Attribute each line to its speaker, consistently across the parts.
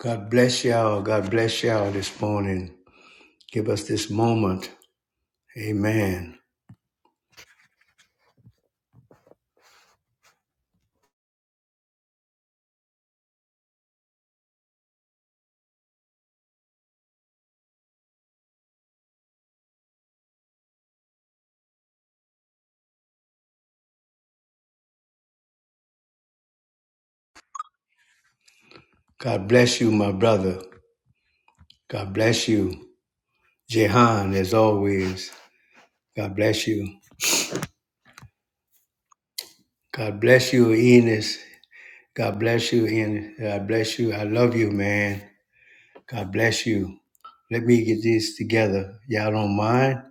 Speaker 1: God bless y'all. God bless y'all this morning. Give us this moment. Amen. God bless you, my brother. God bless you, Jehan, as always. God bless you. God bless you, Enos. God bless you, Enos. God bless you. I love you, man. God bless you. Let me get this together. Y'all don't mind?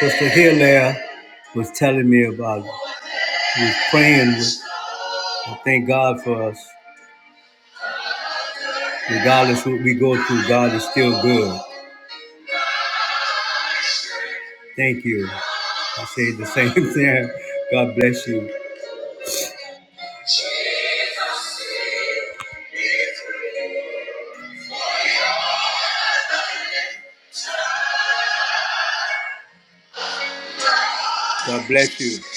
Speaker 1: Sister Hilaire was telling me about, was praying. With, I thank God for us. Regardless what we go through, God is still good. Thank you. I say the same thing. God bless you. God bless you.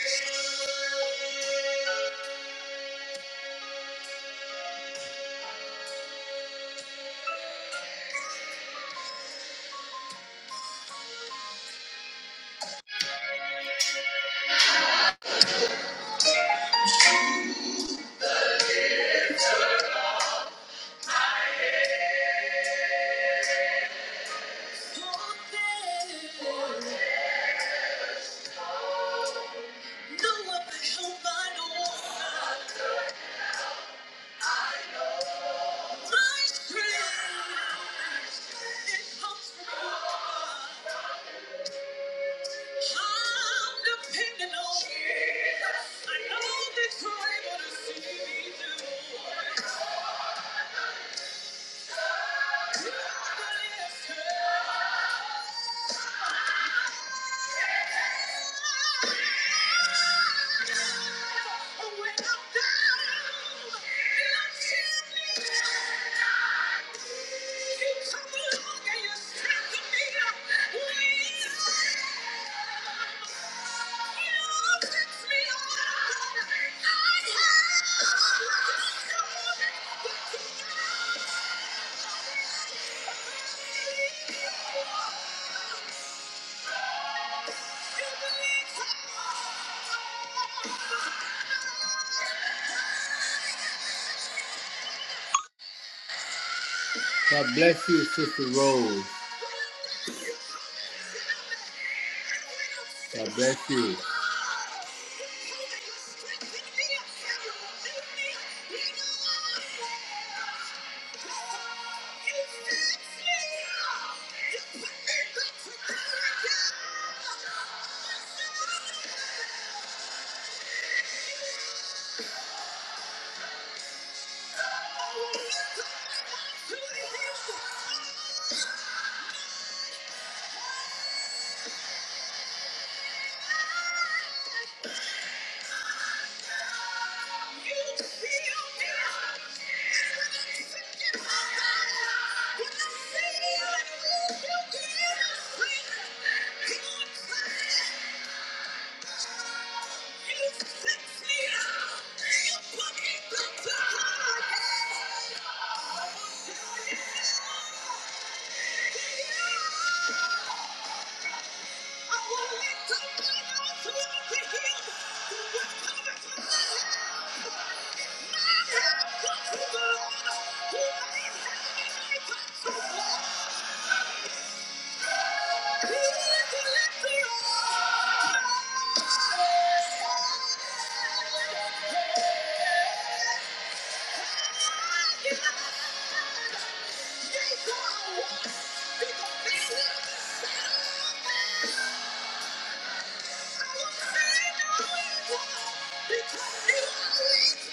Speaker 1: Yeah. God bless you, Sister Rose. God bless you. I will lift up my eyes to the hill. Because you are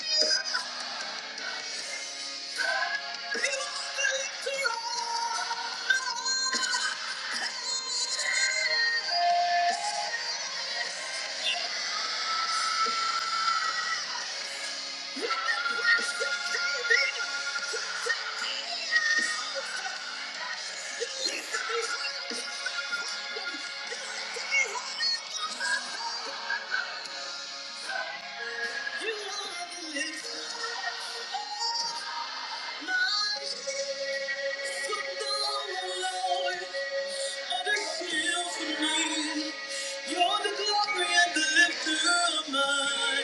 Speaker 1: You're the glory and the lifter of mine.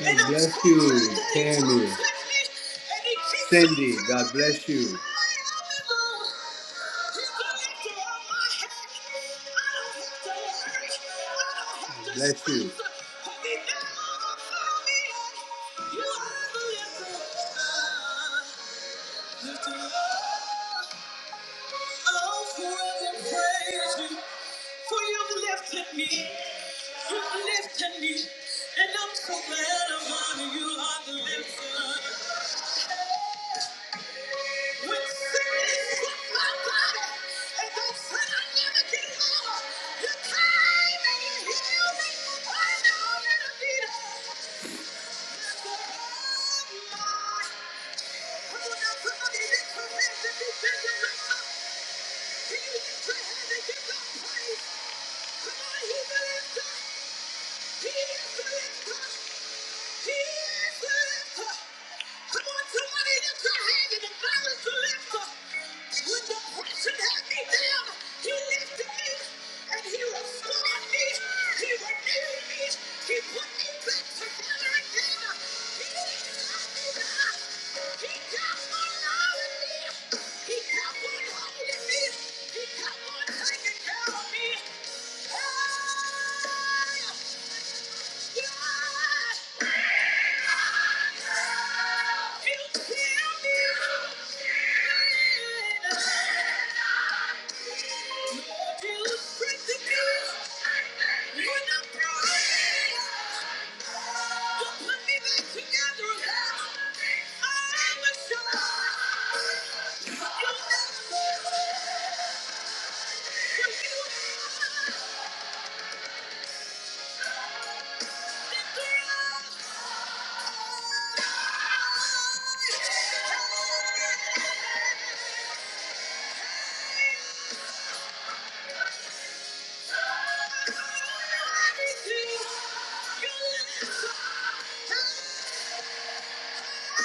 Speaker 1: God bless you, Tammy. Cindy, God bless you. God Bless you. I'll forever praise you, for you've lifted me. You've lifted me, and I'm so glad I'm on you are the lifter. When sickness took my body, and they said I never get over, you came and you healed me. I know it'll be done. Oh my. I will not put my hands in the hands of the He is the lifter. He is the lifter. He kept on taking care of me. Hey! Together, Thank you.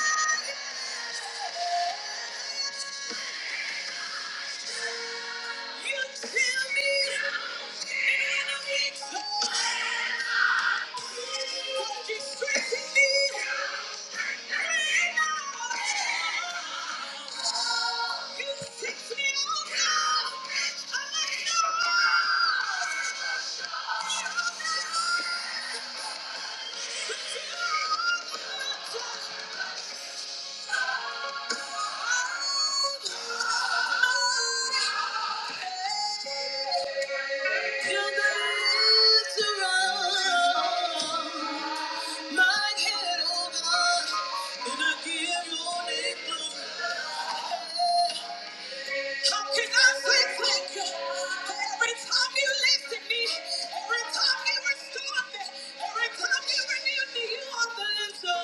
Speaker 1: Yeah. How can I say thank you? For every time you lifted me, every time you restored me, every time you renewed me, you are the answer.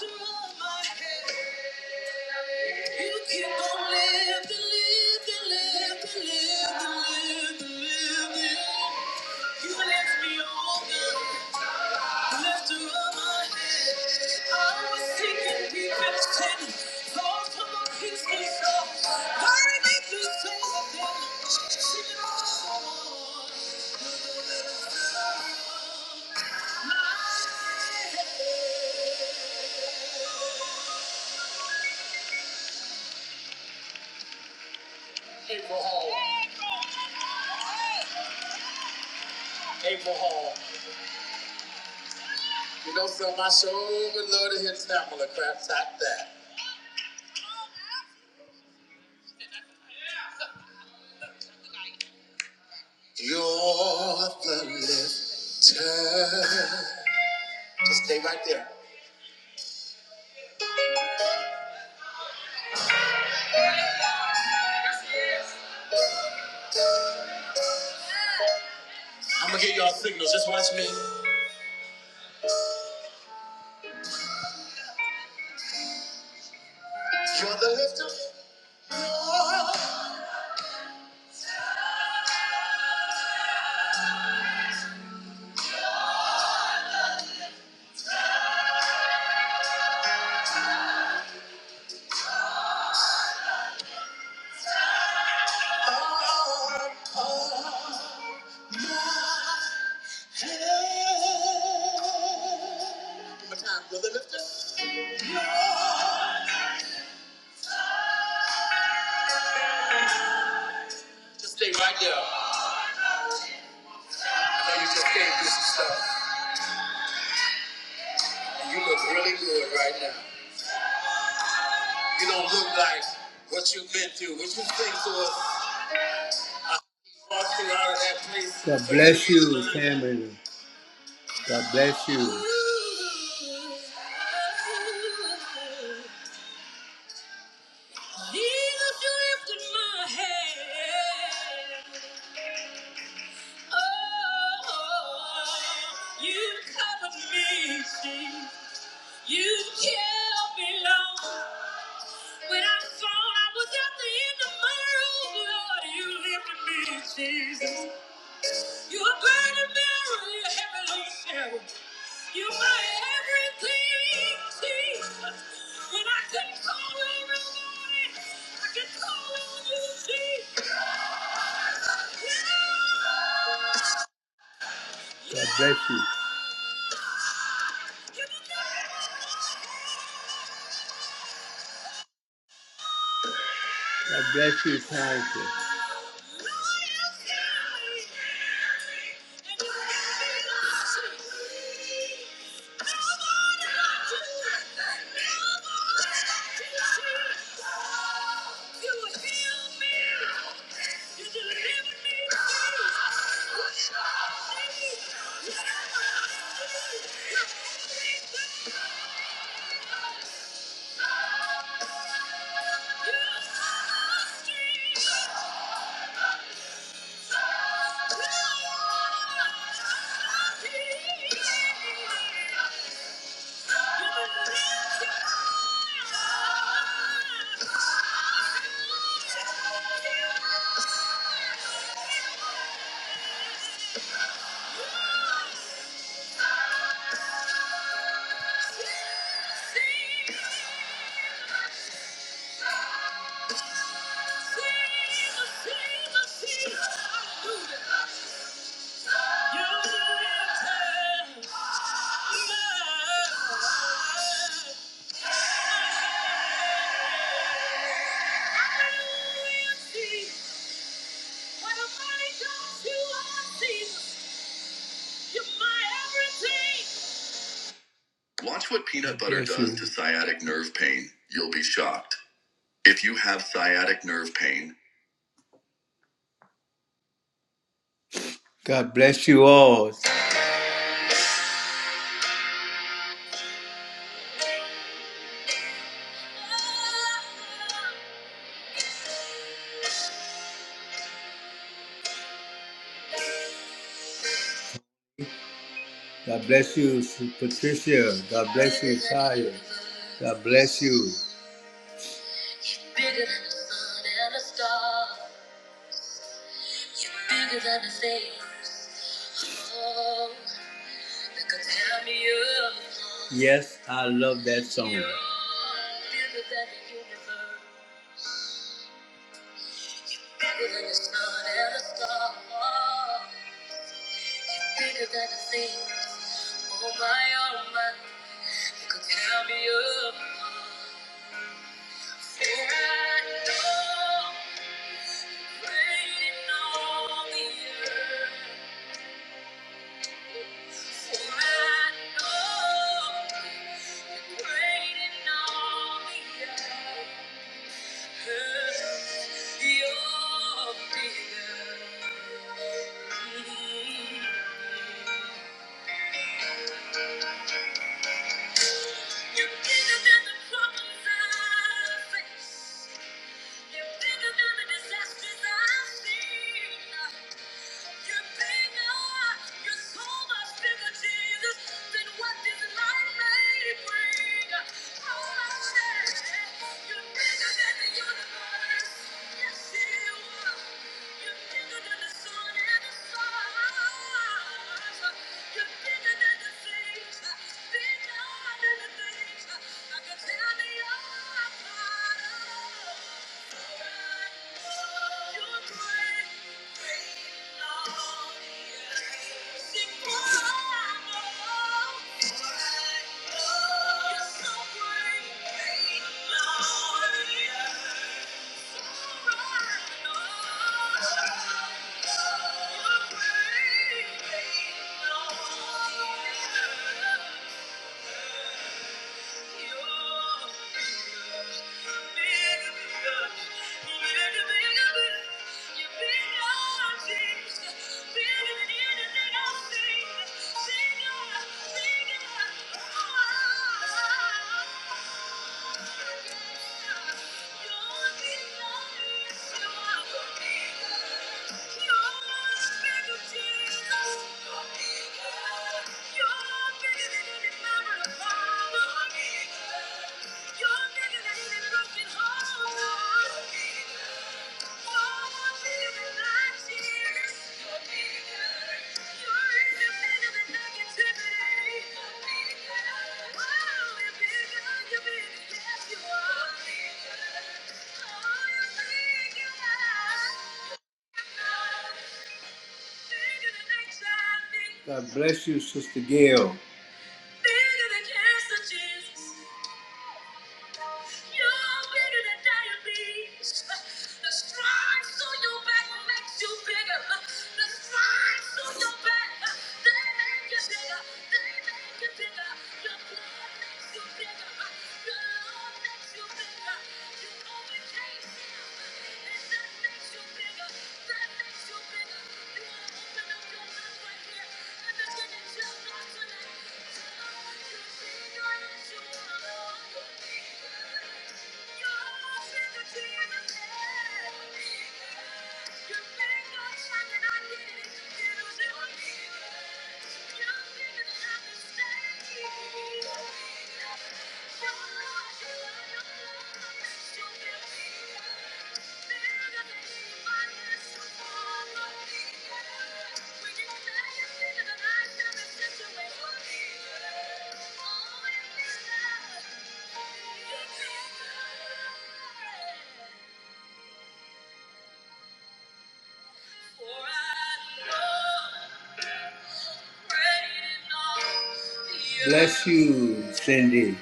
Speaker 1: Just rub my head. You keep on living, living, living, living, living, living. You left me over, left her on my head. I was sinking deep in sin. Lord, come on, kiss me soft. Why did you say that? She lost my head. April Hall, April Hall. You know, so my show would love to hear Tamala crap like that. You're the lifter. Just stay right there. I'm gonna get y'all signals. Just watch me. Oh, my head. Just stay right there. I know you just came through some stuff, and you look really good right now. You don't look like what you've been through. What you think to us walking out of that place? God bless you, Cameron. God bless you. Jesus, you lifted my head. Oh, you covered me, Jesus. You held me long. When I thought I was at the end of my rope, Lord, you lifted me, Jesus. You are burning mirror, you heavy load sharer. You are my everything, Jesus. When I couldn't call on nobody, I could call on you, Jesus. God bless you. God bless you, thank Pastor. Watch what peanut butter does to sciatic nerve pain. You'll be shocked. If you have sciatic nerve pain. God bless you all. God bless you, Patricia. God bless you, Kaya. God bless you. Yes, I love that song. Yeah. You're bigger than the problems I face. You're bigger than the disasters I've seen. You're bigger. You're so much bigger, Jesus, than what this life may bring. Oh, you're bigger than the universe. Yes, you are. You're bigger than the sun and the stars. You're bigger than the things. Bigger. Thank you. You're Thank you. Thank you. God bless you, Sister Gail. You're bigger than diabetes. The stripes on your back makes you bigger. The stripes on your back, they make you bigger. They make you bigger. Your blood makes you bigger. Your love makes you bigger. You overcame sin, and that makes you bigger. That makes you bigger. You want to open up your mouth right here and begin to tell God tonight, God, you're bigger than you are. You're bigger. Thank you. Bless you, Cindy.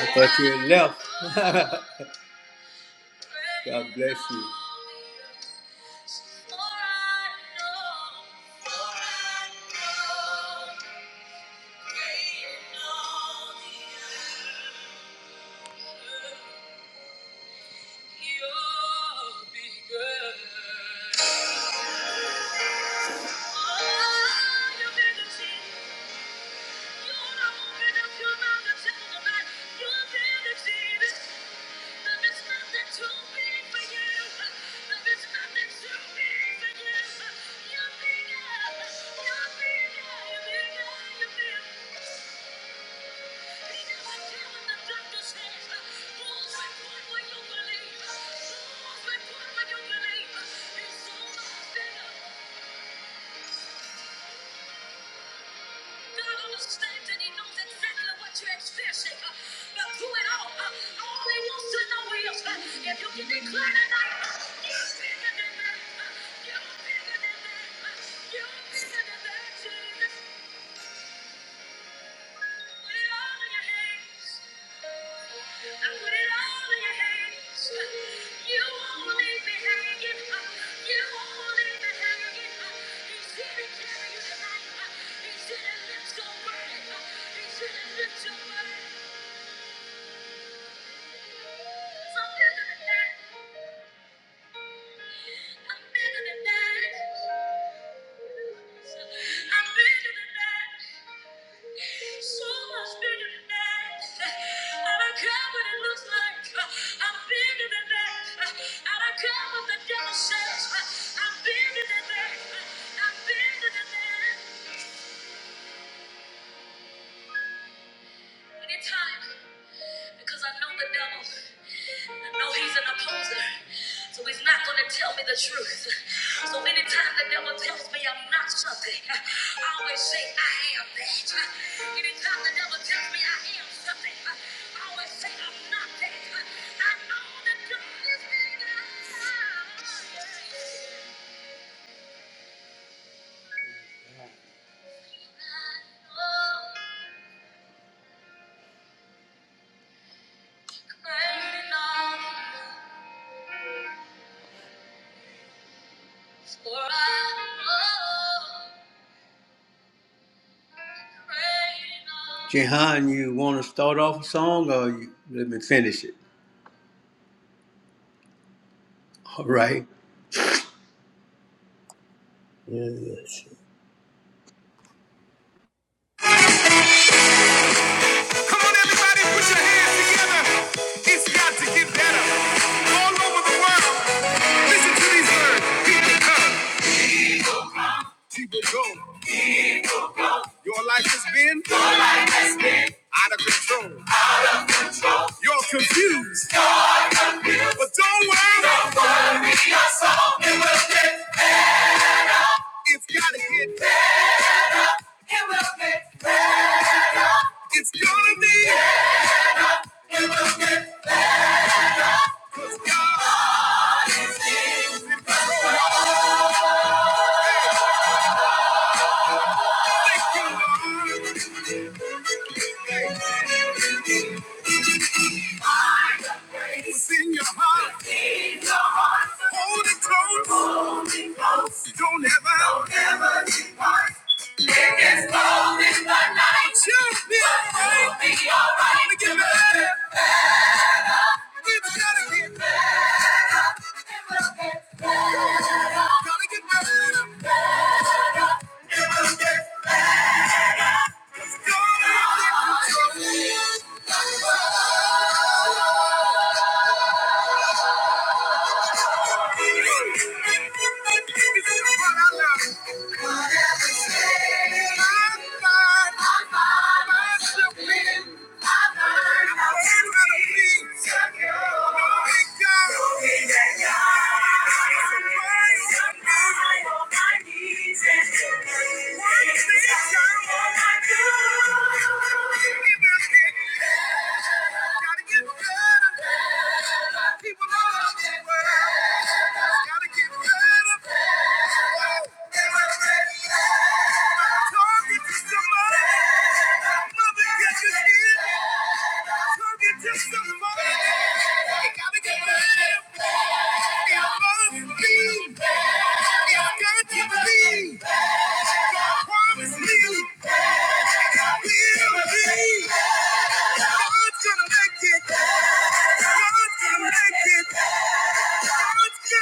Speaker 1: I thought you had left. God bless you. You'll be good. You're bigger, you're bigger, you're bigger. If you can declare tonight, you're bigger than that. You're bigger than that. You're bigger than that. Put it all in your hands. I put it all in your hands. You won't leave me hanging. You won't leave me hanging. He's here to carry you tonight. He's here to lift your burden. He's here to lift your burden. I'm bigger than that. I'm bigger than that. I'm bigger than that. So much bigger than that. I don't care what it looks like. I'm bigger than that. I don't care what the devil says. I'm bigger than that. I'm bigger than that. In time, because I know the devil. No, he's an opposer. So he's not going to tell me the truth. So anytime the devil tells me I'm not something, I always say I am that. Anytime the devil tells me I am something, I always say I'm not that. I know that God is bigger. I know Great and awesome, for I know great and awesome. Jehan, you want to start off a song or you, let me finish it? All right.
Speaker 2: Yes. yes. Come on, everybody, put your hands together. It's got to get better. All over the world. Listen to these words. People come, people go. Your life has been out of control. You're confused, but don't worry. It's got to get better. It's gonna be. It's in your heart? What's in your heart? Hold it close. Hold it close. Don't ever, don't ever depart. It gets cold in the night. Just be alright. We'll be alright. Gotta get better. We gotta get better. Gotta get better. Let's go. Let's go. It's what I love. Thank you. Promise me. God's gonna make it. God's gonna make it. Say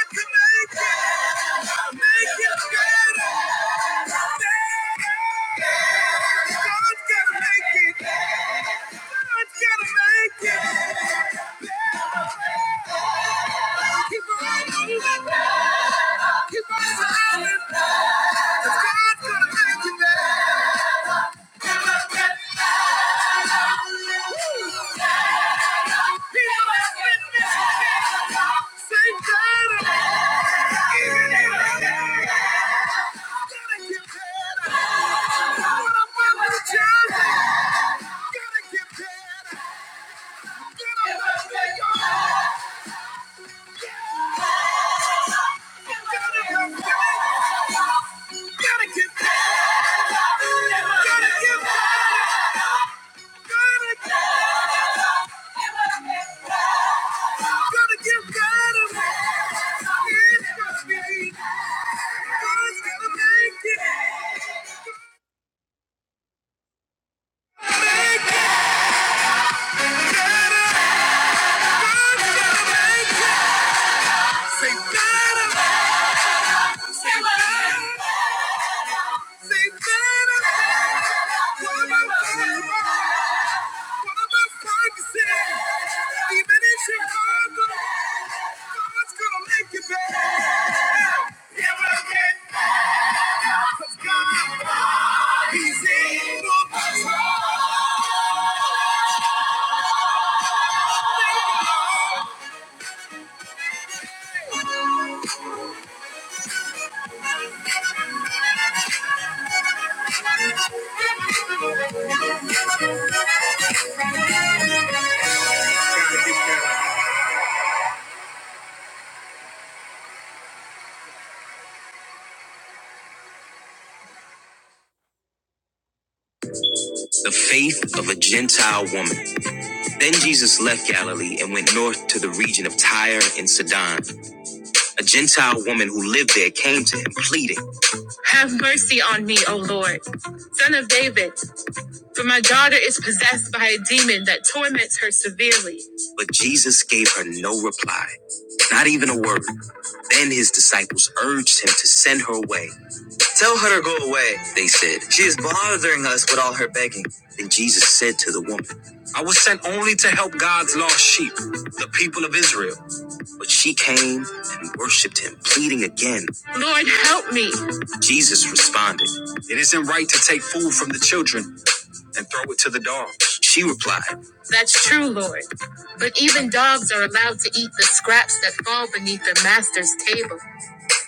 Speaker 2: God. Make it better. The faith of a Gentile woman. Then Jesus left Galilee and went north to the region of Tyre and Sidon. A Gentile woman who lived there came to him, pleading, Have mercy on me, O Lord, son of David, for my daughter is possessed by a demon that torments her severely. But Jesus gave her no reply, not even a word. Then his disciples urged him to send her away. Tell her to go away, they said. She is bothering us with all her begging. Then Jesus said to the woman, I was sent only to help God's lost sheep, the people of Israel. But she came and worshipped him, pleading again, Lord, help me. Jesus responded, It isn't right to take food from the children and throw it to the dogs. She replied, That's true, Lord. But even dogs are allowed to eat the scraps that fall beneath their master's table.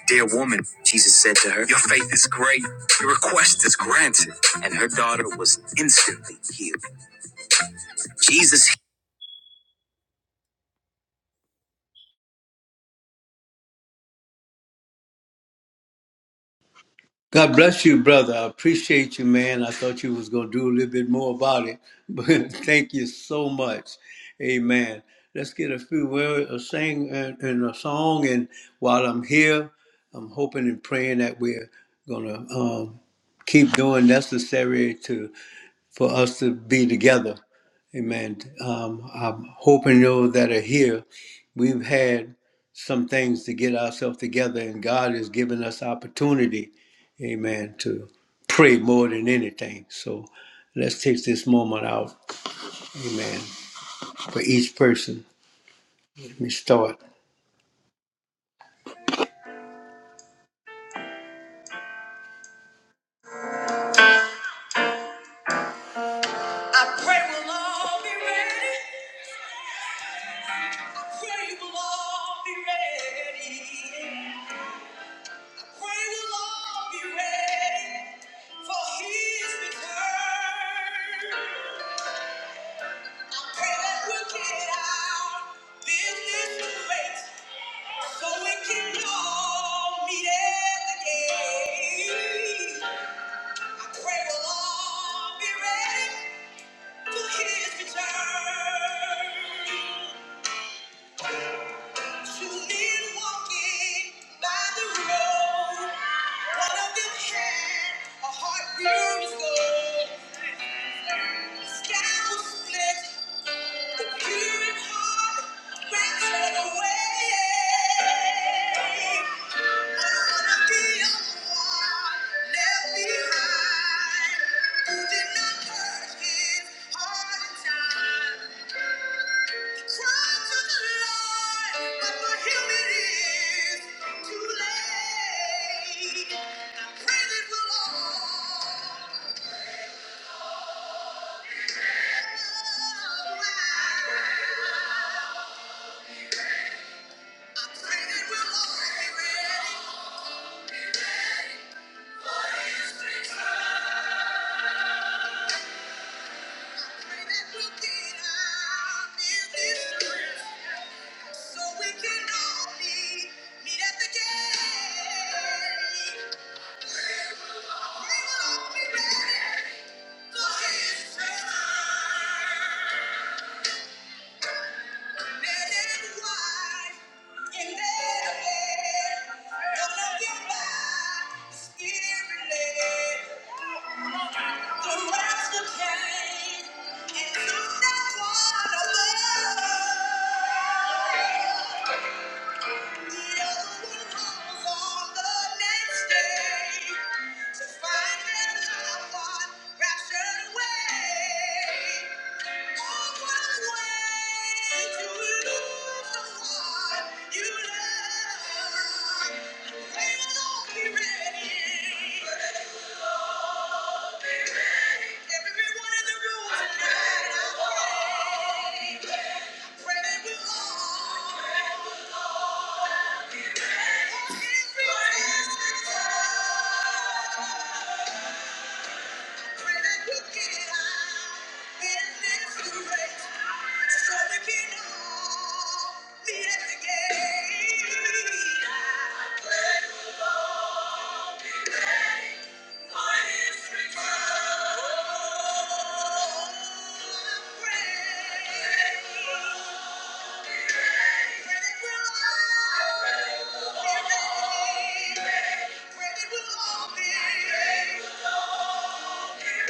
Speaker 2: Dear woman, Jesus said to her, Your faith is great, your request is granted. And her daughter was instantly healed. Jesus.
Speaker 1: God bless you, brother. I appreciate you, man. I thought you was gonna do a little bit more about it, but thank you so much. Amen. Let's get a few words, a sing and, and a song. And while I'm here, I'm hoping and praying that we're gonna um, keep doing necessary to for us to be together. Amen. Um, I hope and know that are here. We've had some things to get ourselves together, and God has given us opportunity, amen, to pray more than anything. So let's take this moment out, amen, for each person. Let me start. We'll all be ready. We will all be ready. Pray we'll all be ready for his return. I pray that we get our business straight so we can all meet at the gate. I pray we'll all be ready for his return. Two men walking by the road. One of them had a heart pure as gold. I pray it will Thank you. Yeah. Everyone in the room tonight, I pray we all. Ready will all be the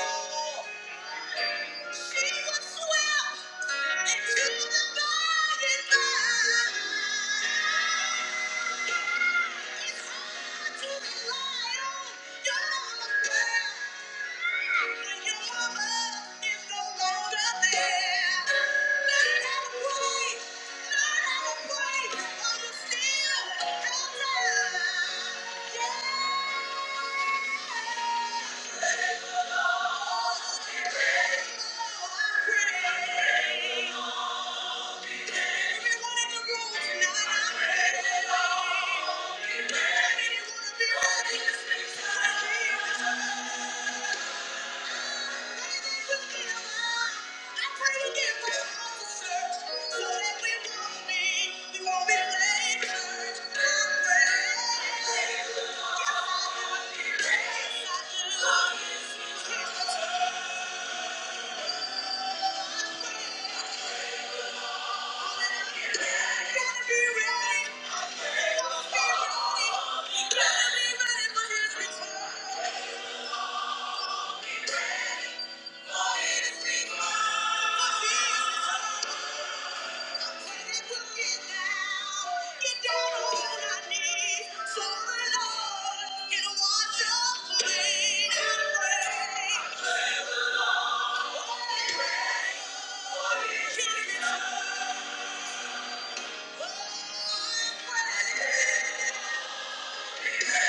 Speaker 1: Thank you. She was swept into the dying light. It's hard to rely on your mama's prayer when your mama is no longer there. Learn how to pray, learn how to pray while you still have time. Yeah. Thank you. Gotta be ready for his return. Yeah. Yes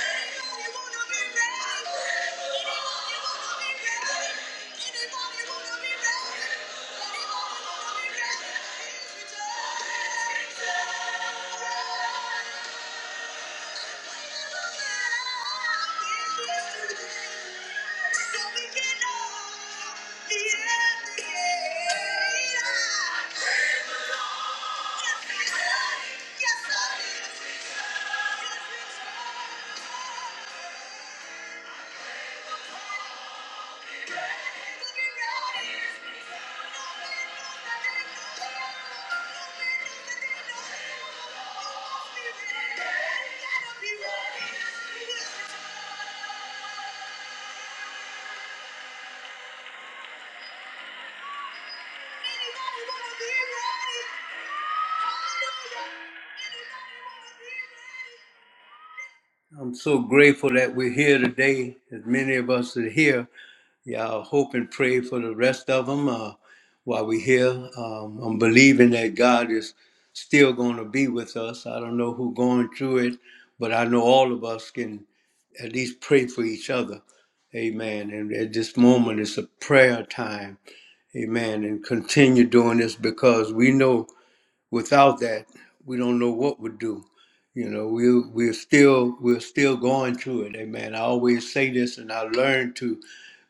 Speaker 1: Yeah. I'm so grateful that we're here today. As many of us are here, y'all hope and pray for the rest of them uh, while we're here. Um, I'm believing that God is still going to be with us. I don't know who's going through it, but I know all of us can at least pray for each other. Amen. And at this moment, it's a prayer time. Amen. And continue doing this because we know Without that, we don't know what we'd do. You know, we we're still we're still going through it. Amen. I always say this, and I learned to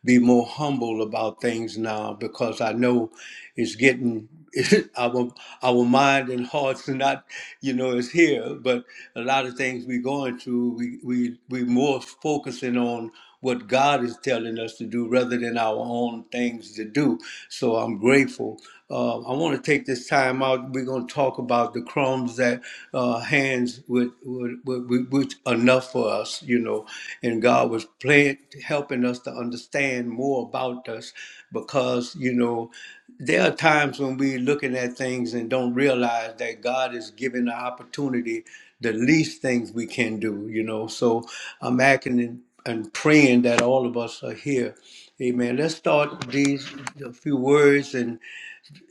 Speaker 1: be more humble about things now because I know. It's getting our our mind and hearts are not, you know, is here. But a lot of things we're going through, we we we more focusing on what God is telling us to do rather than our own things to do. So I'm grateful. Uh, I want to take this time out. We're going to talk about the crumbs that uh, hands with was, was, was, was enough for us, you know. And God was playing, helping us to understand more about us because, you know, there are times when we're looking at things and don't realize that God is giving the opportunity the least things we can do, you know. So I'm acting and, and praying that all of us are here. Amen. Let's start these a few words, and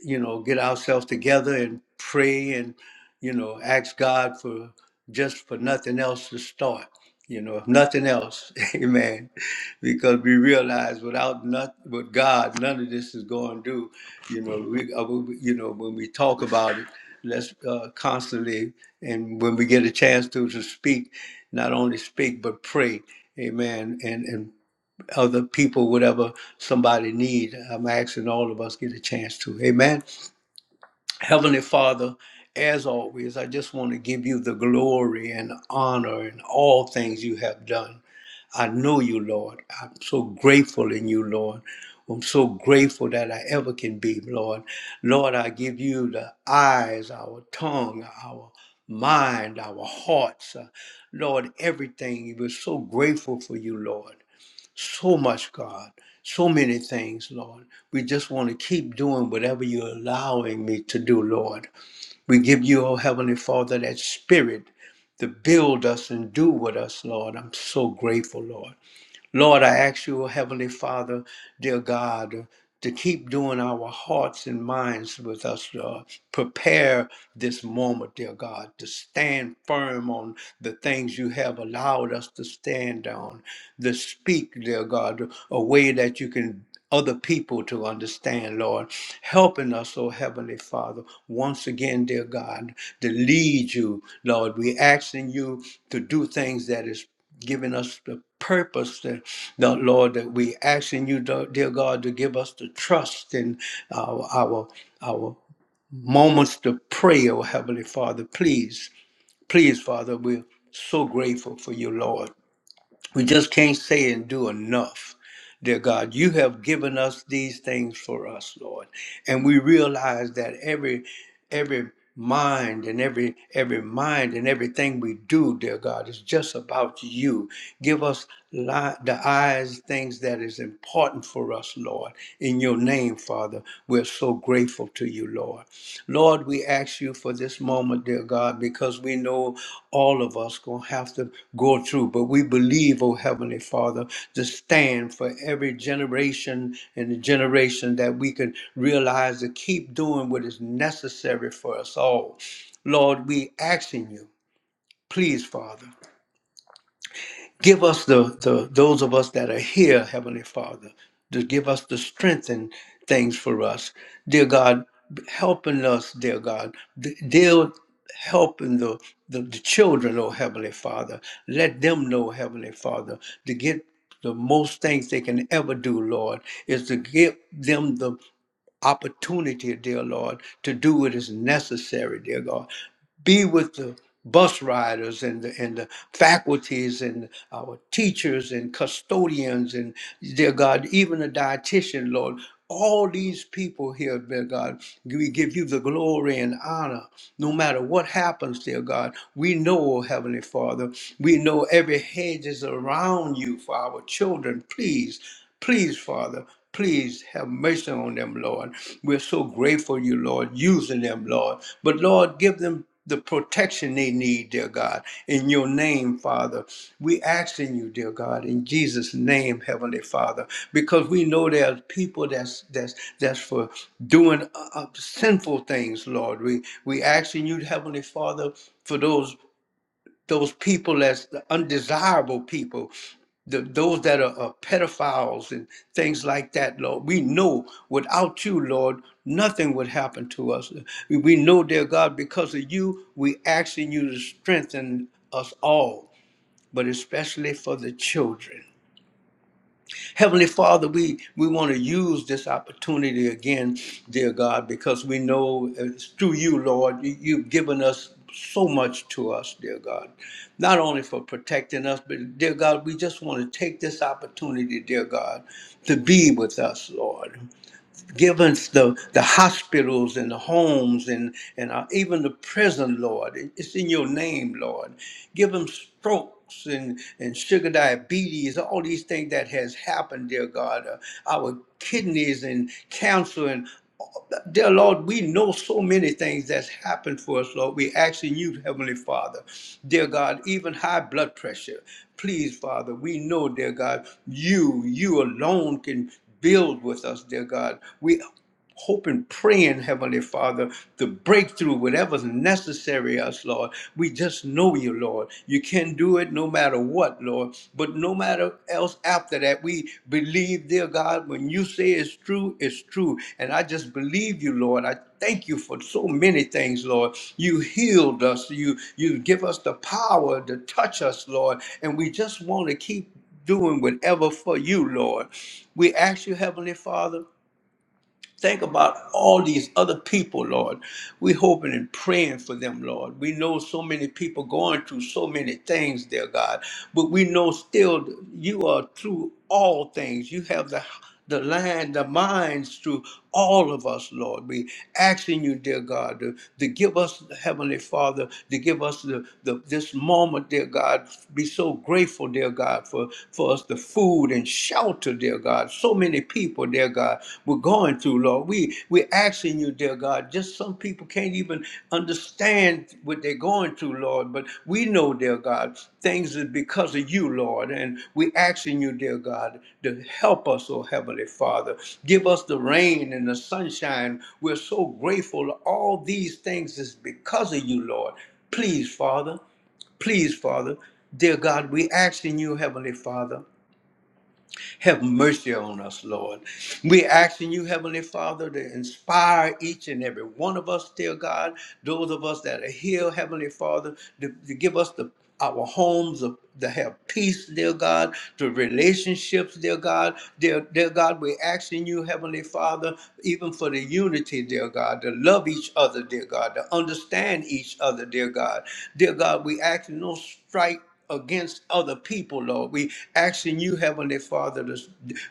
Speaker 1: you know, get ourselves together and pray and, you know, ask God for just for nothing else to start, you know, if nothing else. Amen. Because we realize without not with God, none of this is going to do. You know, we, uh, we- you know, when we talk about it, let's uh, constantly and when we get a chance to to speak, not only speak but pray. Amen. And and other people, whatever somebody need, I'm asking all of us get a chance to. Amen. Heavenly Father, as always, I just want to give you the glory and honor in all things you have done. I know you, Lord. I'm so grateful in you, Lord. I'm so grateful that I ever can be, Lord. Lord, I give you the eyes, our tongue, our mind, our hearts. Uh, Lord, everything. We're so grateful for you, Lord. So much, God. So many things, Lord. We just want to keep doing whatever you're allowing me to do, Lord. We give you, oh Heavenly Father, that spirit to build us and do with us, Lord. I'm so grateful, Lord. Lord, I ask you, Heavenly Father, dear God, to keep doing our hearts and minds with us. Uh, prepare this moment, dear God, to stand firm on the things you have allowed us to stand on, to speak, dear God, a way that you can other people to understand, Lord. Helping us, oh Heavenly Father, once again, dear God, to lead you, Lord. We're asking you to do things that is giving us the purpose that the Lord that we asking you, dear God, to give us the trust in our our our moments to pray, oh Heavenly Father. Please, please, Father, we're so grateful for you, Lord. We just can't say and do enough. Dear God, you have given us these things for us, Lord. And we realize that every every mind and every every mind and everything we do, dear God, is just about you. Give us li- the eyes things that is important for us, Lord. In your name, Father, we're so grateful to you, Lord. Lord, we ask you for this moment, dear God, because we know all of us gonna have to go through. But we believe, oh Heavenly Father, to stand for every generation and the generation that we can realize to keep doing what is necessary for us all. Lord, we asking you, please, Father. Give us the, the those of us that are here, Heavenly Father, to give us the strength and things for us. Dear God, helping us, dear God. D- dear helping the, the, the children, oh Heavenly Father. Let them know, Heavenly Father, to get the most things they can ever do, Lord, is to give them the opportunity, dear Lord, to do what is necessary, dear God. Be with the bus riders and the, and the faculties and our teachers and custodians and, dear God, even the dietitian, Lord. All these people here, dear God, we give you the glory and honor. No matter what happens, dear God, we know, oh Heavenly Father, we know every hedge is around you for our children. Please Please, Father, please have mercy on them, Lord. We're so grateful you, Lord, using them, Lord. But Lord, give them the protection they need, dear God. In your name, Father, we asking you, dear God, in Jesus' name, Heavenly Father, because we know there's people that's that's that's for doing uh, uh, sinful things, Lord. We we asking you, Heavenly Father, for those those people as the undesirable people, the, those that are, are pedophiles and things like that, Lord. We know without you, Lord, nothing would happen to us. We know, dear God, because of you, we asking you to strengthen us all, but especially for the children. Heavenly Father, we, we want to use this opportunity again, dear God, because we know it's through you, Lord, you- you've given us so much to us, dear God. Not only for protecting us, but dear God, we just want to take this opportunity, dear God, to be with us, Lord given us the, the hospitals and the homes and, and uh, even the prison, Lord. It- It's in your name, Lord. Give them strokes and, and sugar diabetes, all these things that has happened, dear God. Uh, our kidneys and cancer and uh, Dear Lord, we know so many things that's happened for us, Lord. We asking you, Heavenly Father, dear God, even high blood pressure. Please, Father, we know, dear God, you, you alone can Build with us, dear God. We hope and pray in Heavenly Father, the breakthrough, whatever's necessary us, Lord. We just know you, Lord. You can do it no matter what, Lord. But no matter else after that, we believe, dear God, when you say it's true, it's true. And I just believe you, Lord. I thank you for so many things, Lord. You healed us. You you give us the power to touch us, Lord. And we just want to keep doing whatever for you, Lord. We ask you, Heavenly Father, think about all these other people, Lord. We hoping and praying for them, Lord. We know so many people going through so many things, dear God, but we know still you are through all things. You have the the land, the minds to all of us, Lord. We asking you, dear God, to, to give us, Heavenly Father, to give us the, the this moment, dear God. Be so grateful, dear God, for, for us the food and shelter, dear God. So many people, dear God, we're going through, Lord. We we asking you, dear God. Just some people can't even understand what they're going through, Lord. But we know, dear God, things is because of you, Lord. And we asking you, dear God, to help us, oh Heavenly Father. Give us the rain and the sunshine. We're so grateful. All these things is because of you, Lord. Please, Father. Please, Father. Dear God, we asking you, Heavenly Father. Have mercy on us, Lord. We asking you, Heavenly Father, to inspire each and every one of us, dear God, those of us that are here, Heavenly Father, to, to give us the our homes of- to have peace, dear God, to relationships, dear God, dear, dear God, we're asking you, Heavenly Father, even for the unity, dear God, to love each other, dear God, to understand each other, dear God. Dear God, we asking no strife against other people, Lord. We asking you, Heavenly Father, to,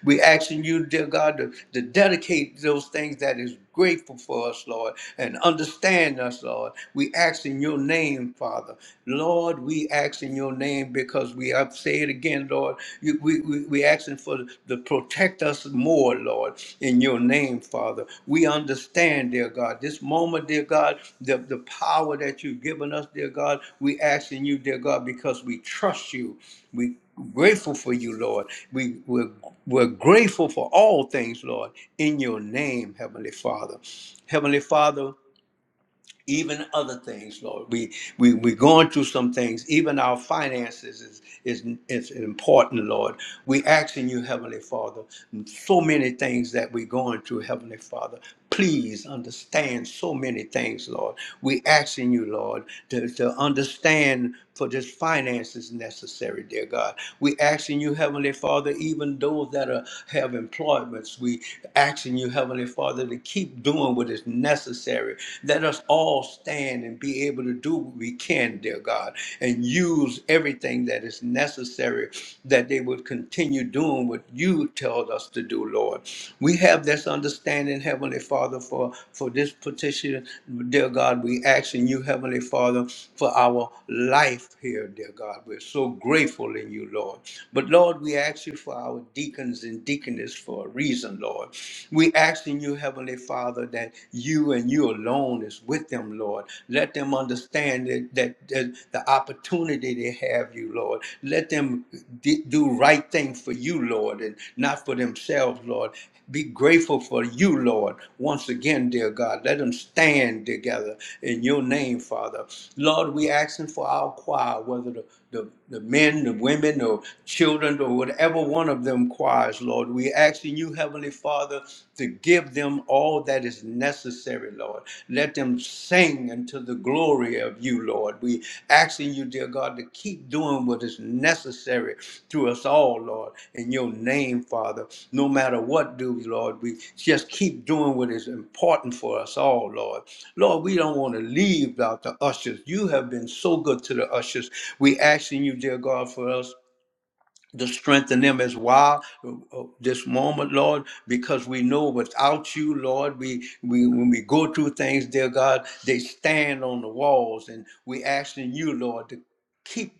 Speaker 1: we asking you, dear God, to, to dedicate those things that is grateful for us, Lord, and understand us, Lord. We ask in your name, Father. Lord, we ask in your name because we have say it again, Lord. You, we, we, we asking for the, to protect us more, Lord, in your name, Father. We understand, dear God, this moment, dear God, the, the power that you've given us, dear God, we asking you, dear God, because we trust you. We grateful for you, Lord. We, we're, we're grateful for all things, Lord, in your name, Heavenly Father. Heavenly Father, even other things, Lord. We we we're going through some things. Even our finances is is is important, Lord. We asking you, Heavenly Father, so many things that we're going through, Heavenly Father. Please understand so many things, Lord. We asking you, Lord, to, to understand for this finances necessary, dear God. We asking you, Heavenly Father, even those that are have employments, we asking you, Heavenly Father, to keep doing what is necessary let us all stand and be able to do what we can, dear God, and use everything that is necessary that they would continue doing what you tell us to do, Lord. We have this understanding, Heavenly Father, for, for this petition, dear God. We ask in you, Heavenly Father, for our life here, dear God. We're so grateful in you, Lord. But Lord, we ask you for our deacons and deaconesses for a reason, Lord. We ask in you, Heavenly Father, that you and you alone alone is with them, Lord. Let them understand that, that, that the opportunity they have you, Lord. Let them d- do right thing for you, Lord, and not for themselves, Lord. Be grateful for you, Lord. Once again, dear God, let them stand together in your name, Father. Lord, we asking for our choir, whether the the, the men, the women, the children, or whatever one of them choirs, Lord. we asking you, Heavenly Father, to give them all that is necessary, Lord. Let them sing unto the glory of you, Lord. We asking you, dear God, to keep doing what is necessary to us all, Lord, in your name, Father. No matter what do, Lord, we just keep doing what is important for us all, Lord. Lord, we don't want to leave out the ushers. You have been so good to the ushers. We asking you, dear God, for us to strengthen them as well uh, uh, this moment, Lord, because we know without you, Lord, we, we when we go through things, dear God, they stand on the walls, and we asking you, Lord, to keep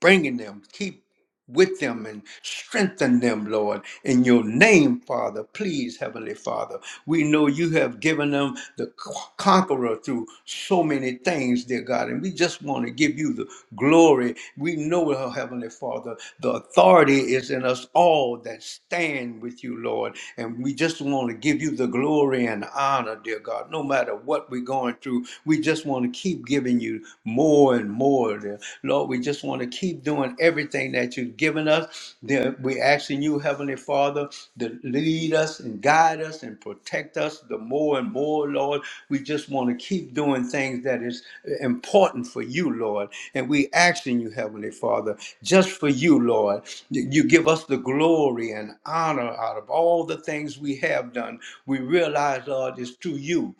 Speaker 1: bringing them. Keep with them and strengthen them, Lord. In your name, Father, please, Heavenly Father. We know you have given them the co- conqueror through so many things, dear God, and we just want to give you the glory. We know, oh, Heavenly Father, the authority is in us all that stand with you, Lord. And we just want to give you the glory and honor, dear God, no matter what we're going through. We just want to keep giving you more and more, dear. Lord, we just want to keep doing everything that you've given us. Dear, We're asking you, Heavenly. Heavenly Father, to lead us and guide us and protect us the more and more, Lord. We just want to keep doing things that is important for you, Lord. And we asking you, Heavenly Father, just for you, Lord, that you give us the glory and honor out of all the things we have done. We realize, Lord, it's through you,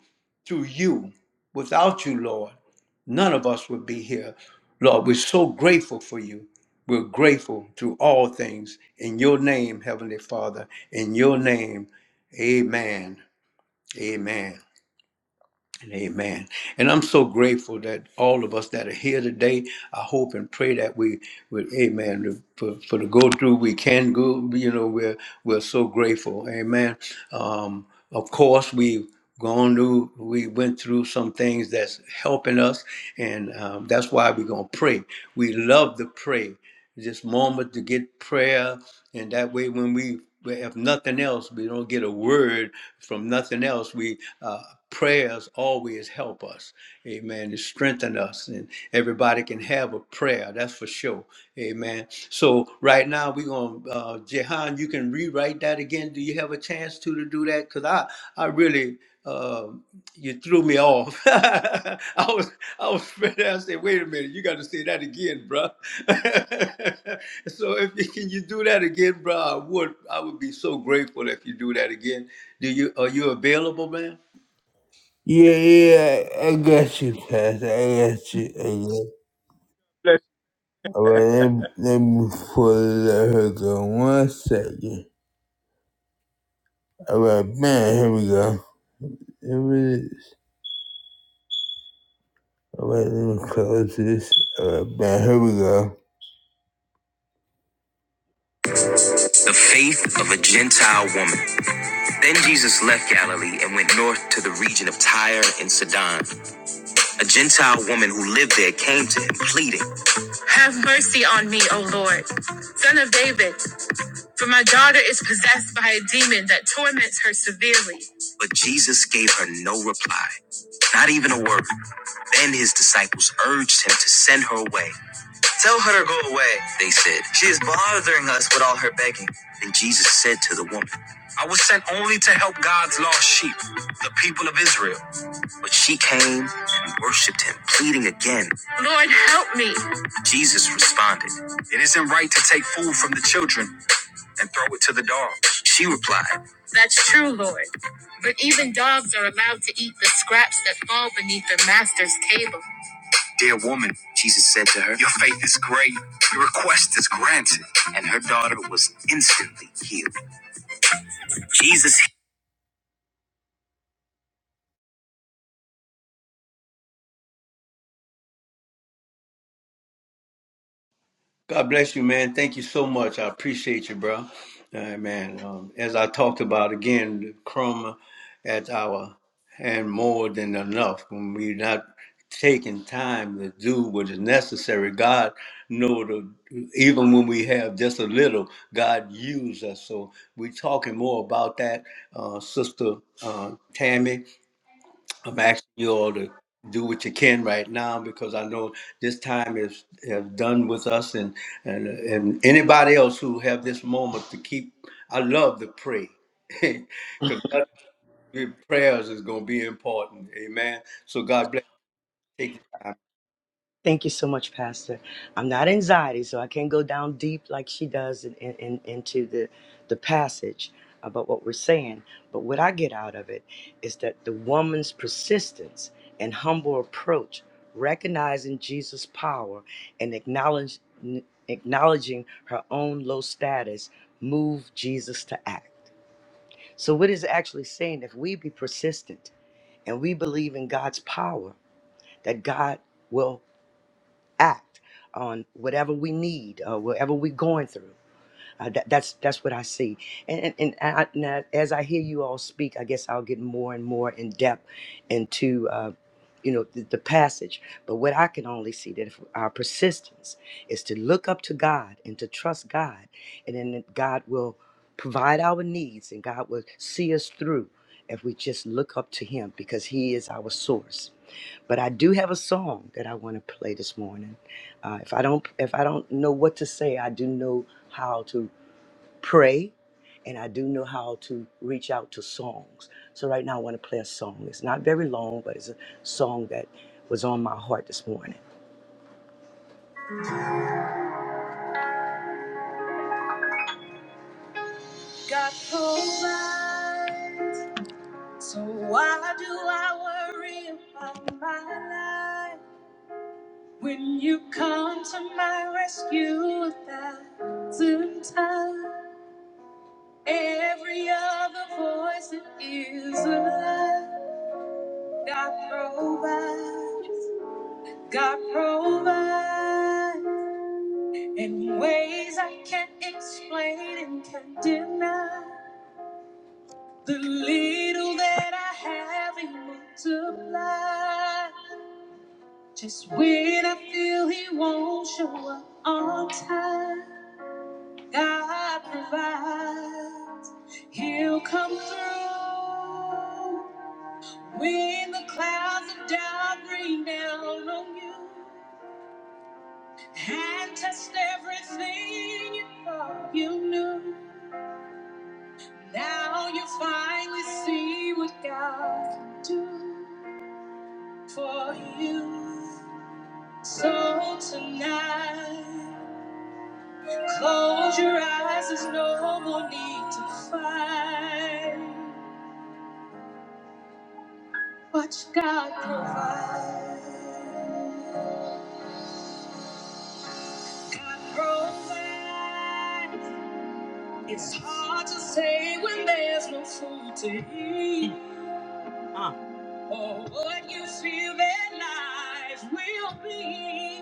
Speaker 1: through you, without you, Lord none of us would be here. Lord, we're so grateful for you. We're grateful through all things. In your name, Heavenly Father, in your name, amen. Amen. And Amen. And I'm so grateful that all of us that are here today, I hope and pray that we would, amen, for, for the go through we can go, you know, we're, we're so grateful. Amen. Um, of course, we've gone through, we went through some things that's helping us, and um, that's why we're going to pray. We love to pray. This moment to get prayer, and that way, when we, if nothing else, we don't get a word from nothing else. We uh, prayers always help us. Amen. To strengthen us, and everybody can have a prayer. That's for sure. Amen. So right now we're going, to uh, Jehan. You can rewrite that again. Do you have a chance to to do that? Cause I I really. Um, you threw me off. I was, I was, ready. I said, wait a minute, you got to say that again, bro. so if you can you do that again, bro. I would, I would be so grateful if you do that again. Do you, are you available, man?
Speaker 2: Yeah, yeah, I got you, Pastor. I got you. I got you. All right, let, me- let me pull let her go one second. All right, man, here we go. Here it is. All right, let me close this. All right, man, here we go. The faith of a Gentile woman. Then Jesus left Galilee and went north to the region of Tyre and Sidon. A Gentile woman who lived there came to him pleading, Have mercy on me, O Lord, son of David, for my daughter is possessed by a demon that torments her severely. But Jesus gave her no reply, not even a word. Then his disciples urged him to send her away. Tell her to go away, they said. She is bothering us with all her begging. And Jesus said to the woman, I was sent only to help God's lost sheep, the people of Israel. But she came and worshiped him, pleading again, Lord, help me. Jesus responded, It isn't right to take food from the children and throw it to the dogs. She replied, That's true, Lord. But even dogs are allowed to eat the scraps that fall beneath their master's table. Dear woman, Jesus said to her, Your faith is great. Your request is granted. And her daughter was instantly healed. Jesus.
Speaker 1: God bless you, man. Thank you so much. I appreciate you, bro. Uh, man, um, as I talked about again, the crumb at our hand more than enough when we're not taking time to do what is necessary. God know the even when we have just a little, God use us. So we're talking more about that, uh, Sister uh, Tammy. I'm asking you all to do what you can right now because I know this time is has done with us and and and anybody else who have this moment to keep. I love to pray because prayers is going to be important. Amen. So God bless. Take this.
Speaker 3: Thank you so much, Pastor. I'm not anxiety, so I can't go down deep like she does in, in, in- into the, the passage about what we're saying. But what I get out of it is that the woman's persistence and humble approach, recognizing Jesus' power and acknowledge, acknowledging her own low status, moved Jesus to act. So, what is it actually saying if we be persistent and we believe in God's power, that God will. act on whatever we need or whatever we're going through. Uh, that, that's that's what I see, and and, and, I, and I- as I hear you all speak, I guess I'll get more and more in depth into uh, you know the, the passage. But what I can only see that if our persistence is to look up to God and to trust God, and then God will provide our needs, and God will see us through if we just look up to Him because He is our source. But I do have a song that I want to play this morning. Uh, if I don't, if I don't know what to say, I do know how to pray, and I do know how to reach out to songs. So right now, I want to play a song. It's not very long, but it's a song that was on my heart this morning. God provides, so why do I worry about my life when you come to my rescue a thousand times? Every other voice that is a lie. God provides. God provides in ways I can't explain and can deny. The little that I have, He multiplies. Just when I feel He won't show up on time, God provides. He'll come through. When the clouds of doubt rain down on you and test everything you thought you knew, now you finally see what God can do for you. So tonight, close your eyes, there's no more need to fight. Watch God provide. God provide. It's hard to say when there's no food to eat or what you feel that life will be.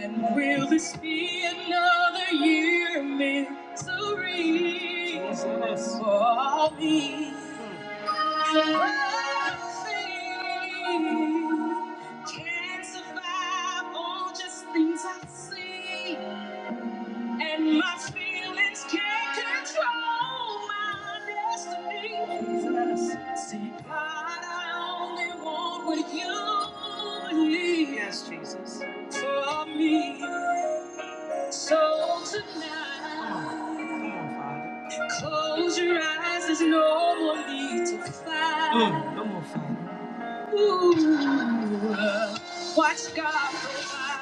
Speaker 3: And will this be another year of misery Jesus. for all me? Can't survive on just things I see. And my feelings can't control my destiny. Jesus. See, God, I only want what you need. Yes, Jesus. For me. So tonight, close your eyes. There's no more need to fight. Mm. Ooh, watch God provide.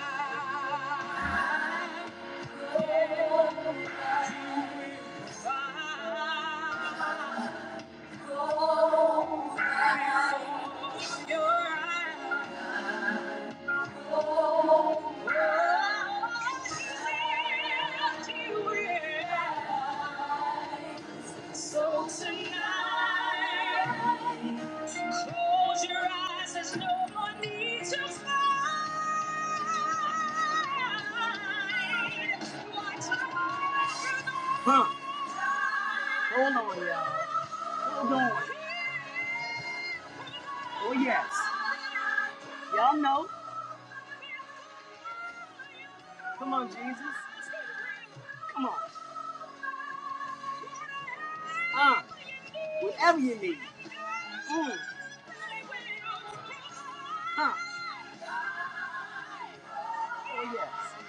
Speaker 3: Go before your eyes. So tonight, close your eyes, there's no one needs to fight. Lights are on every Hold on, y'all. Hold on. Oh, yes. Y'all know. Come on, Jesus. Come on. Uh, whatever you need. Mm. Huh. Oh, yes.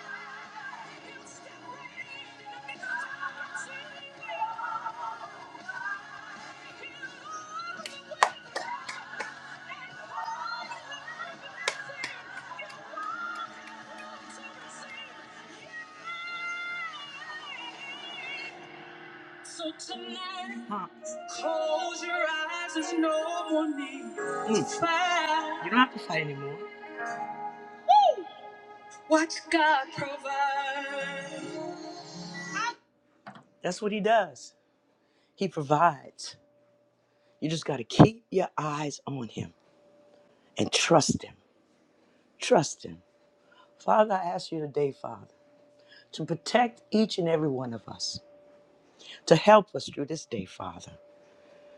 Speaker 3: So tonight, huh. close your eyes. There's no more need mm. to Mm. fight. You don't have to. Woo! Watch God provide. That's what He does. He provides. You just got to keep your eyes on Him and trust Him. Trust Him. Father, I ask you today, Father, to protect each and every one of us, to help us through this day, Father,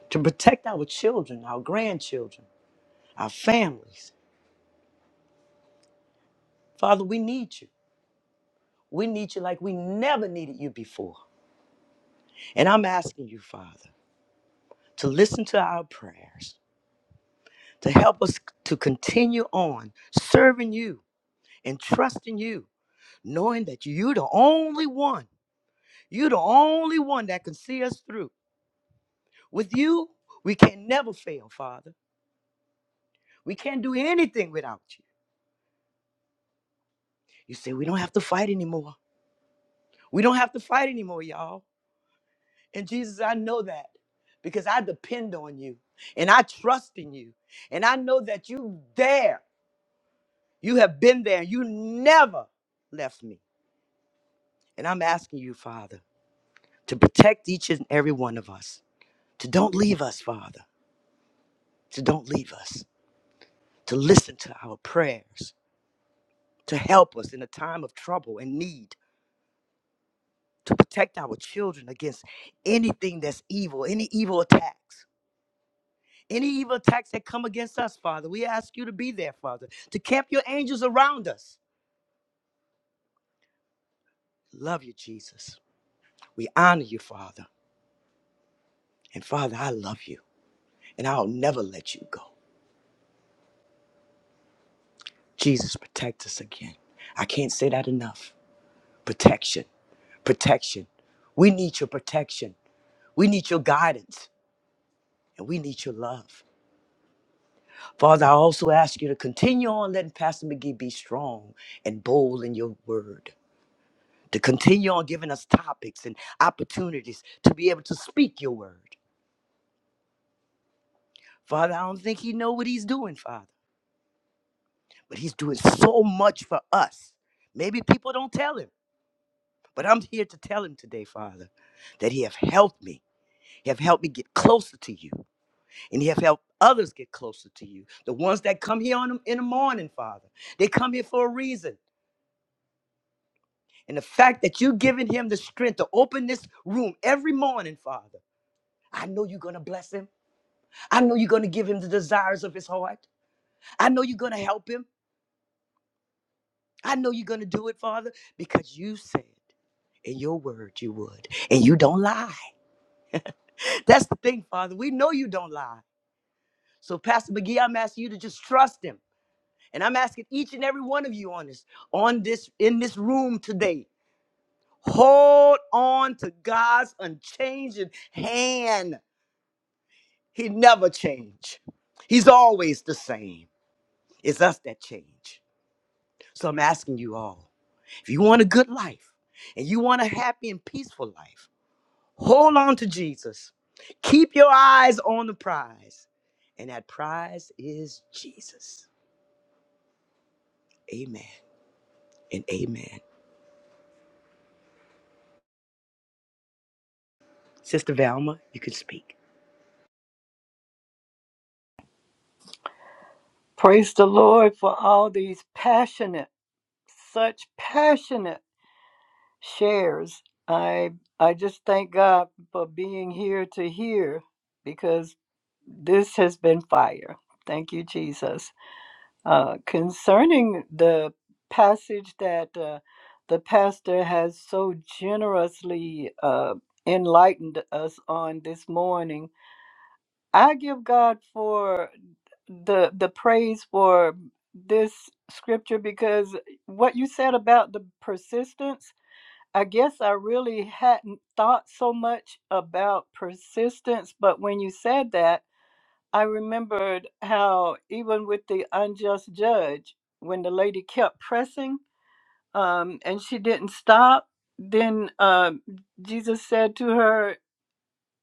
Speaker 3: to protect our children, our grandchildren our families. Father, we need you. We need you like we never needed you before. And I'm asking you, Father, to listen to our prayers, to help us to continue on serving you and trusting you, knowing that you're the only one. You're the only one that can see us through. With you, we can never fail, Father. We can't do anything without you. You say we don't have to fight anymore. We don't have to fight anymore, y'all. And Jesus, I know that because I depend on you and I trust in you. And I know that you there. You have been there. You never left me. And I'm asking you, Father, to protect each and every one of us. To don't leave us, Father. To don't leave us. To listen to our prayers. To help us in a time of trouble and need. To protect our children against anything that's evil, any evil attacks. Any evil attacks that come against us, Father, we ask you to be there, Father, to camp your angels around us. Love you, Jesus. We honor you, Father. And Father, I love you, and I'll never let you go. Jesus, protect us again. I can't say that enough. Protection, protection. We need your protection. We need your guidance, and we need your love. Father, I also ask you to continue on letting Pastor McGee be strong and bold in your word. to continue on giving us topics and opportunities to be able to speak your word. Father, I don't think he know what he's doing, Father, but he's doing so much for us. Maybe people don't tell him, but I'm here to tell him today, Father, that he have helped me. He have helped me get closer to you, and he have helped others get closer to you. The ones that come here on in the morning, Father, they come here for a reason. And the fact that you giving him the strength to open this room every morning, Father, I know you're gonna bless him. I know you're going to give him the desires of his heart. I know you're going to help him. I know you're going to do it, Father, because you said in your word you would, and you don't lie. That's the thing, Father. We know you don't lie. So, Pastor McGee, I'm asking you to just trust him. And I'm asking each and every one of you on this, on this, in this room today, hold on to God's unchanging hand. He never changed. He's always the same. It's us that change. So I'm asking you all. If you want a good life and you want a happy and peaceful life, hold on to Jesus. Keep your eyes on the prize, and that prize is Jesus. Amen and amen. Sister Valma, you can speak.
Speaker 4: Praise the Lord for all these passionate, such passionate shares. I I just thank God for being here to hear because this has been fire. Thank you, Jesus. Uh, concerning the passage that uh, the pastor has so generously uh, enlightened us on this morning, I give God for the the praise for this scripture because what you said about the persistence i guess i really hadn't thought so much about persistence but when you said that i remembered how even with the unjust judge when the lady kept pressing um, and she didn't stop then um, jesus said to her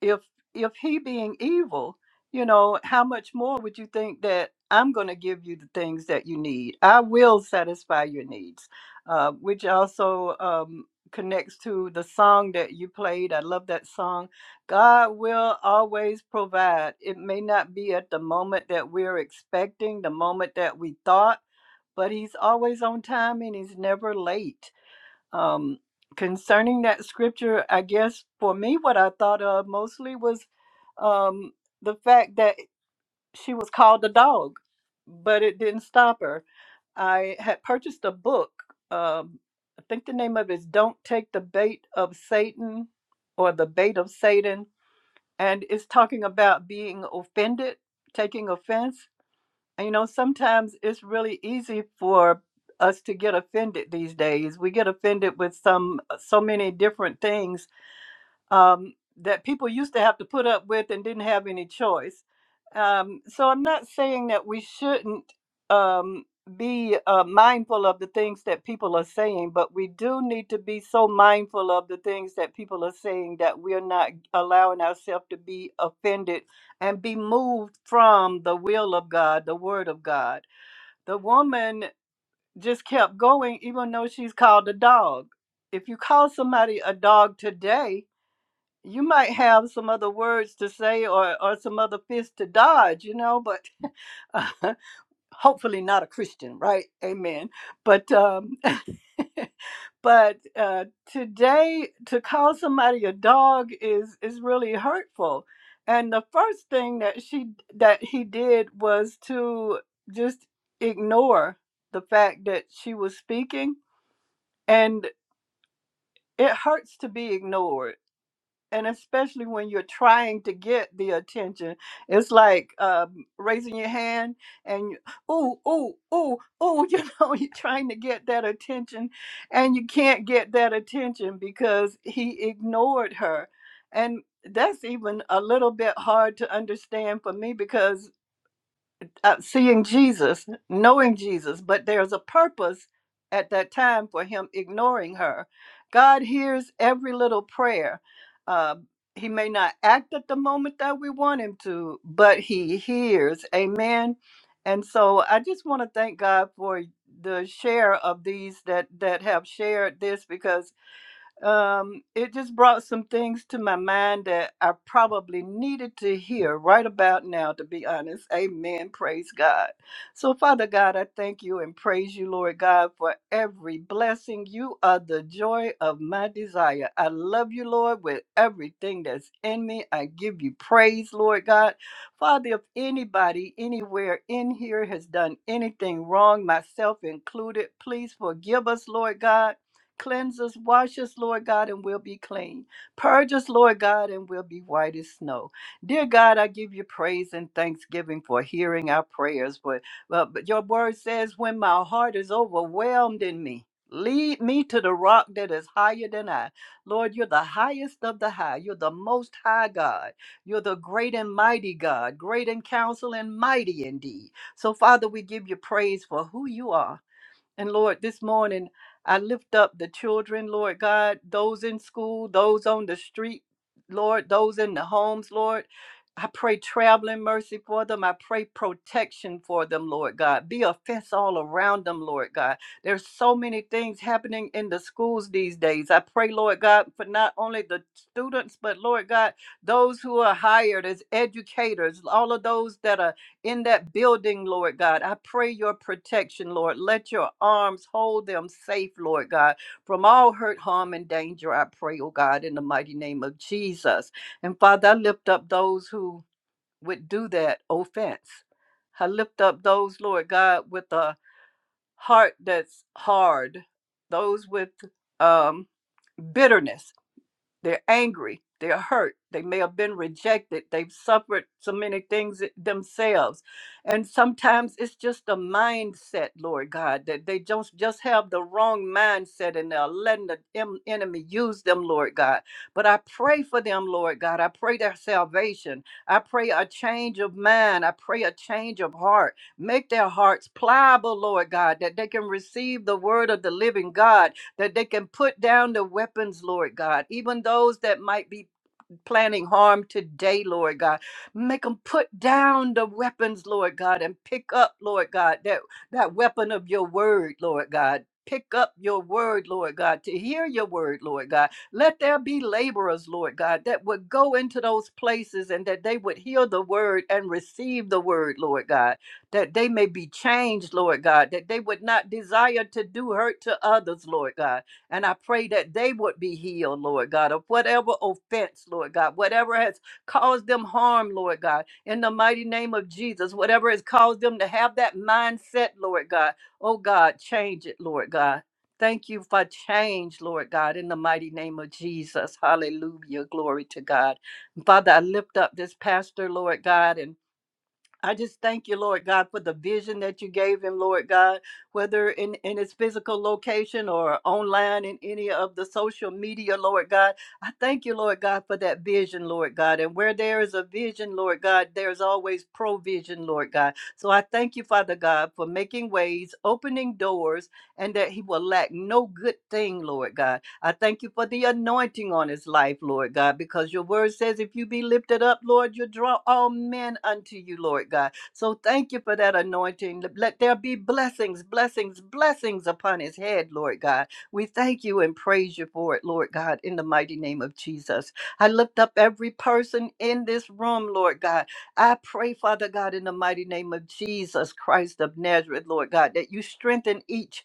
Speaker 4: if if he being evil you know how much more would you think that i'm going to give you the things that you need i will satisfy your needs uh, which also um, connects to the song that you played i love that song god will always provide it may not be at the moment that we're expecting the moment that we thought but he's always on time and he's never late um, concerning that scripture, I guess for me, what I thought of mostly was um, the fact that she was called a dog, but it didn't stop her. I had purchased a book. Um, I think the name of it is Don't Take the Bait of Satan or The Bait of Satan. And it's talking about being offended, taking offense. You know, sometimes it's really easy for us to get offended these days. We get offended with some so many different things um, that people used to have to put up with and didn't have any choice. Um, so I'm not saying that we shouldn't um, be uh, mindful of the things that people are saying, but we do need to be so mindful of the things that people are saying that we're not allowing ourselves to be offended and be moved from the will of God, the word of God. The woman just kept going, even though she's called a dog. If you call somebody a dog today, you might have some other words to say or, or some other fists to dodge, you know, but uh, hopefully not a Christian, right? Amen. But um, but uh, today to call somebody a dog is is really hurtful. And the first thing that she that he did was to just ignore the fact that she was speaking, and it hurts to be ignored and especially when you're trying to get the attention, it's like um, raising your hand and you, ooh, ooh, ooh, ooh, you know, you're trying to get that attention, and you can't get that attention because he ignored her, and that's even a little bit hard to understand for me because uh, seeing Jesus, knowing Jesus, but there's a purpose at that time for him ignoring her. God hears every little prayer. Uh, he may not act at the moment that we want him to, but he hears. Amen. And so I just want to thank God for the share of these that that have shared this because um, it just brought some things to my mind that I probably needed to hear right about now, to be honest. Amen. Praise God. So, Father God, I thank you and praise you, Lord God, for every blessing. You are the joy of my desire. I love you, Lord, with everything that's in me. I give you praise, Lord God. Father, if anybody anywhere in here has done anything wrong, myself included, please forgive us, Lord God. Cleanse us, wash us, Lord God, and we'll be clean. Purge us, Lord God, and we'll be white as snow. Dear God, I give you praise and thanksgiving for hearing our prayers. But, but but your word says, when my heart is overwhelmed in me, lead me to the rock that is higher than I. Lord, you're the highest of the high. You're the most high God. You're the great and mighty God, great in counsel and mighty indeed. So, Father, we give you praise for who you are. And Lord, this morning I lift up the children, Lord God, those in school, those on the street, Lord, those in the homes, Lord. I pray traveling mercy for them. I pray protection for them, Lord God. Be a fence all around them, Lord God. There's so many things happening in the schools these days. I pray, Lord God, for not only the students, but Lord God, those who are hired as educators, all of those that are in that building, Lord God. I pray your protection, Lord. Let your arms hold them safe, Lord God, from all hurt, harm, and danger. I pray, oh God, in the mighty name of Jesus. And Father, I lift up those who would do that offense. I lift up those, Lord God, with a heart that's hard, those with um, bitterness they're angry. They're hurt. They may have been rejected. They've suffered so many things themselves. And sometimes it's just a mindset, Lord God, that they just, just have the wrong mindset and they're letting the em- enemy use them, Lord God. But I pray for them, Lord God. I pray their salvation. I pray a change of mind. I pray a change of heart. Make their hearts pliable, Lord God, that they can receive the word of the living God that they can put down the weapons, Lord God, even those that might be planning harm today, Lord God. Make them put down the weapons, Lord God, and pick up, Lord God, that, that weapon of your word, Lord God. Pick up your word, Lord God, to hear your word, Lord God. Let there be laborers, Lord God, that would go into those places and that they would hear the word and receive the word, Lord God, that they may be changed, Lord God, that they would not desire to do hurt to others, Lord God and I pray that they would be healed, Lord God, of whatever offense, Lord God, whatever has caused them harm, Lord God, in the mighty name of Jesus, whatever has caused them to have that mindset, Lord God. Oh God, change it, Lord God. Thank you for change, Lord God, in the mighty name of Jesus. Hallelujah. Glory to God. Father, I lift up this pastor, Lord God, and I just thank you, Lord God, for the vision that you gave him, Lord God, whether in, in his physical location or online in any of the social media, Lord God. I thank you, Lord God, for that vision, Lord God. And where there is a vision, Lord God, there's always provision, Lord God. So I thank you, Father God, for making ways, opening doors, and that he will lack no good thing, Lord God. I thank you for the anointing on his life, Lord God, because your word says if you be lifted up, Lord, you draw all men unto you, Lord God. So thank you for that anointing. Let there be blessings, blessings, blessings upon his head, Lord God. We thank you and praise you for it, Lord God, in the mighty name of Jesus. I lift up every person in this room, Lord God. I pray, Father God, in the mighty name of Jesus Christ of Nazareth, Lord God, that you strengthen each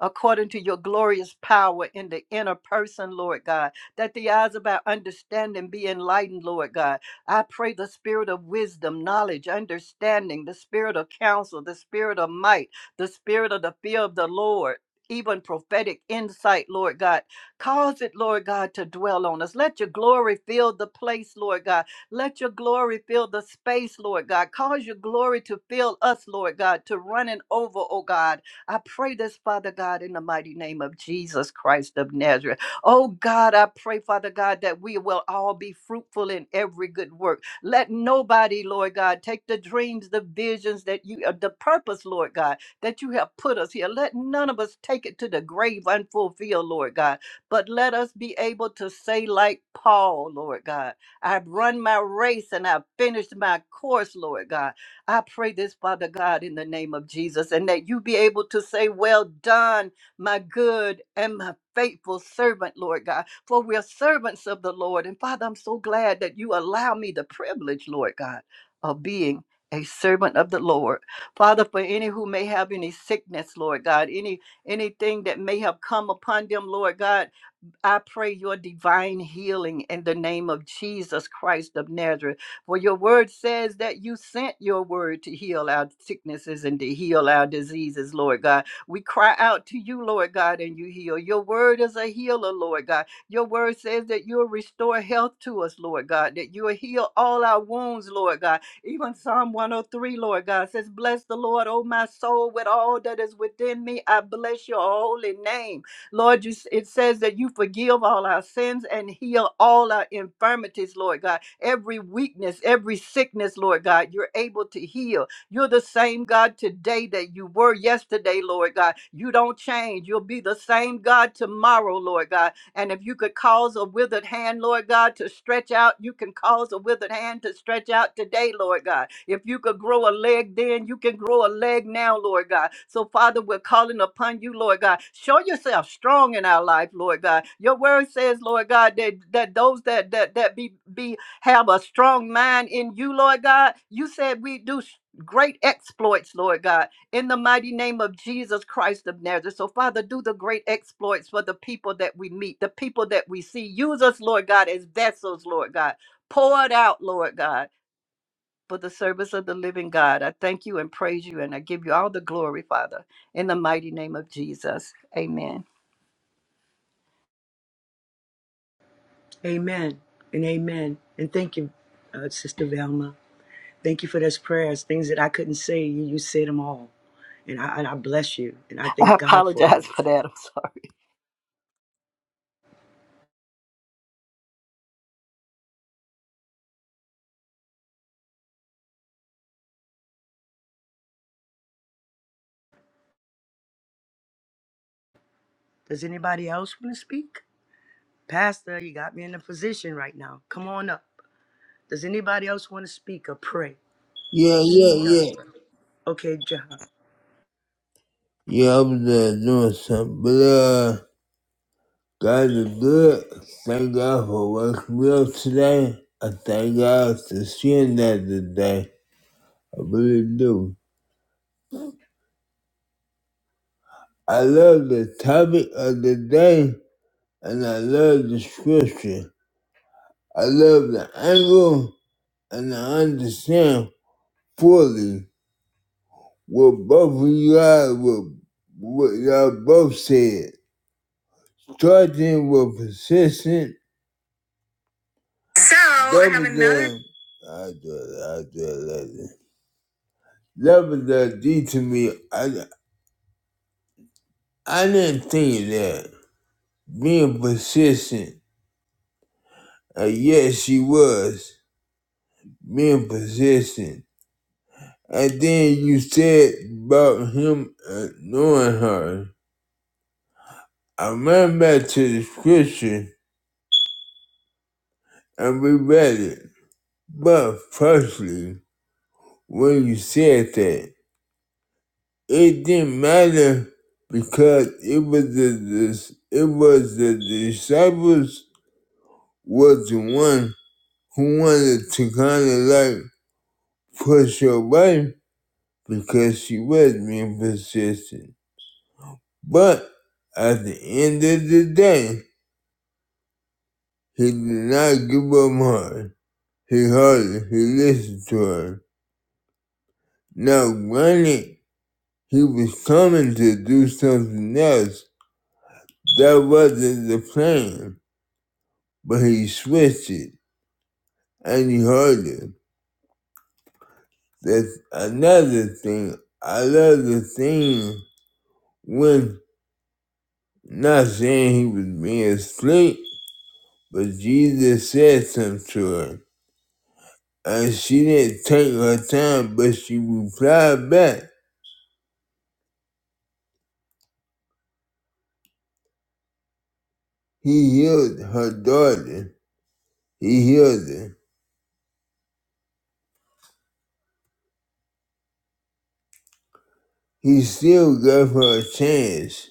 Speaker 4: according to your glorious power in the inner person, Lord God, that the eyes of our understanding be enlightened, Lord God. I pray the spirit of wisdom, knowledge, understanding, the spirit of counsel, the spirit of might, the spirit of the fear of the Lord. Even prophetic insight, Lord God. Cause it, Lord God, to dwell on us. Let your glory fill the place, Lord God. Let your glory fill the space, Lord God. Cause your glory to fill us, Lord God, to run running over, oh God I pray this, Father God, in the mighty name of Jesus Christ of Nazareth. Oh God, I pray, Father God, that we will all be fruitful in every good work. Let nobody, Lord God, take the dreams, the visions that you, uh, the purpose, Lord God, that you have put us here. Let none of us take it to the grave unfulfilled, Lord God, but let us be able to say, like Paul, Lord God, I've run my race and I've finished my course, Lord God. I pray this, Father God, in the name of Jesus, and that you be able to say, Well done, my good and my faithful servant, Lord God, for we're servants of the Lord. And Father, I'm so glad that you allow me the privilege, Lord God, of being a servant of the Lord. Father, for any who may have any sickness, Lord God, any anything that may have come upon them, Lord God, I pray your divine healing in the name of Jesus Christ of Nazareth. For your word says that you sent your word to heal our sicknesses and to heal our diseases, Lord God. We cry out to you, Lord God, and you heal. Your word is a healer, Lord God. Your word says that you'll restore health to us, Lord God, that you'll heal all our wounds, Lord God. Even Psalm 103, Lord God, says, Bless the Lord, O my soul, with all that is within me. I bless your holy name. Lord, you, it says that you forgive all our sins and heal all our infirmities, Lord God. Every weakness, every sickness, Lord God, you're able to heal. You're the same God today that you were yesterday, Lord God. You don't change. You'll be the same God tomorrow, Lord God. And if you could cause a withered hand, Lord God, to stretch out, you can cause a withered hand to stretch out today, Lord God. If you could grow a leg then, you can grow a leg now, Lord God. So, Father, we're calling upon you, Lord God. Show yourself strong in our life, Lord God. Your word says, Lord God, that, that those that that that be be have a strong mind in you, Lord God. You said we do s- great exploits, Lord God in the mighty name of Jesus Christ of Nazareth. So, Father, do the great exploits for the people that we meet, the people that we see. Use us, Lord God, as vessels, Lord God. Pour it out, Lord God, for the service of the living God. I thank you and praise you, and I give you all the glory, Father, in the mighty name of Jesus. Amen.
Speaker 3: Amen and amen. And thank you, uh, Sister Velma. Thank you for those prayers, things that I couldn't say. You, you said them all. And I, and I bless you. And I
Speaker 4: I
Speaker 3: thank God for you.
Speaker 4: apologize for that. I'm sorry.
Speaker 3: Does anybody else want to speak? Pastor, you got me in a position right now. Come on up. Does anybody else want to speak or pray?
Speaker 2: Yeah,
Speaker 3: We
Speaker 2: yeah,
Speaker 3: need y'all to
Speaker 2: yeah.
Speaker 3: pray. Okay, John.
Speaker 2: Yeah, I'm there doing something, but uh. God is good. Thank God for what's real today. I thank God for seeing that today. I really do. I love the topic of the day and I love the scripture. I love the angle and I understand fully what both of you guys, what, what y'all both said. Starting with persistent. So, I have another. I do it, I do it later. That was the D to me. I, I didn't think that. Being persistent. Uh, yes, she was. Being persistent. And then you said about him uh, knowing her. I ran back to the scripture and we read it. But firstly, when you said that, it didn't matter because it was the, dis it was the disciples was the one who wanted to kind of like push her away because she was being persistent. But at the end of the day, he did not give up on her. He heard her, he listened to her. Now, granted, he was coming to do something else. That wasn't the plan, but he switched it and he heard it. That's another thing. I love the thing when Not saying he was being asleep, but Jesus said something to her. And she didn't take her time, but she replied back. He healed her daughter. He healed her. He still gave her a chance.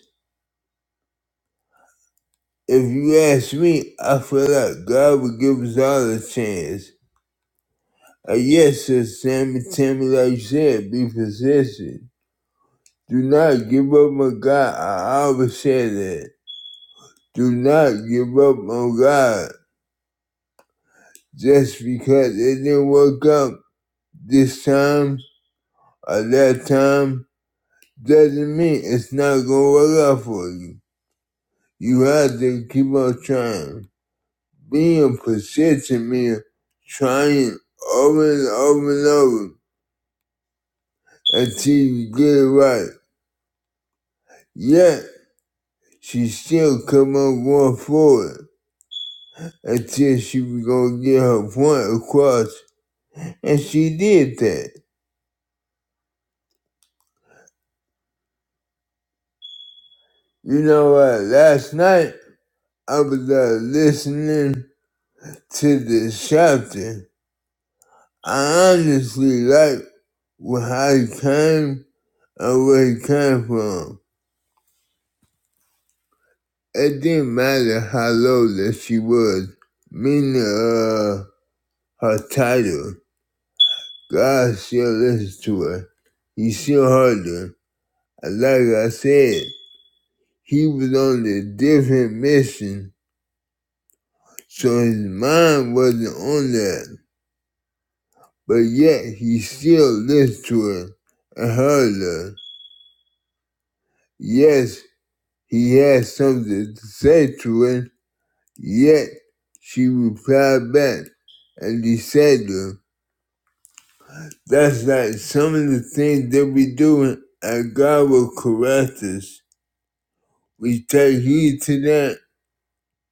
Speaker 2: If you ask me, I feel like God would give us all a chance. Uh, yes, Sister Sammy, tell me like you said, be persistent. Do not give up on God. I always say that. Do not give up on God. Just because it didn't work out this time or that time doesn't mean it's not gonna work out for you. You have to keep on trying. Being persistent means trying over and over and over until you get it right. Yet she still kept on going forward until she was gonna get her point across, and she did that. You know what? Last night I was uh, listening. to this chapter. I honestly like where I came and where he came from. It didn't matter how low that she was, meaning uh, her title. God still listened to her. He still heard her. And like I said, he was on a different mission, so his mind wasn't on that. But yet he still listened to her and heard her. Yes, He had something to say to her, yet she replied back, and he said to her, That's like some of the things that we do, and God will correct us. We take heed to that,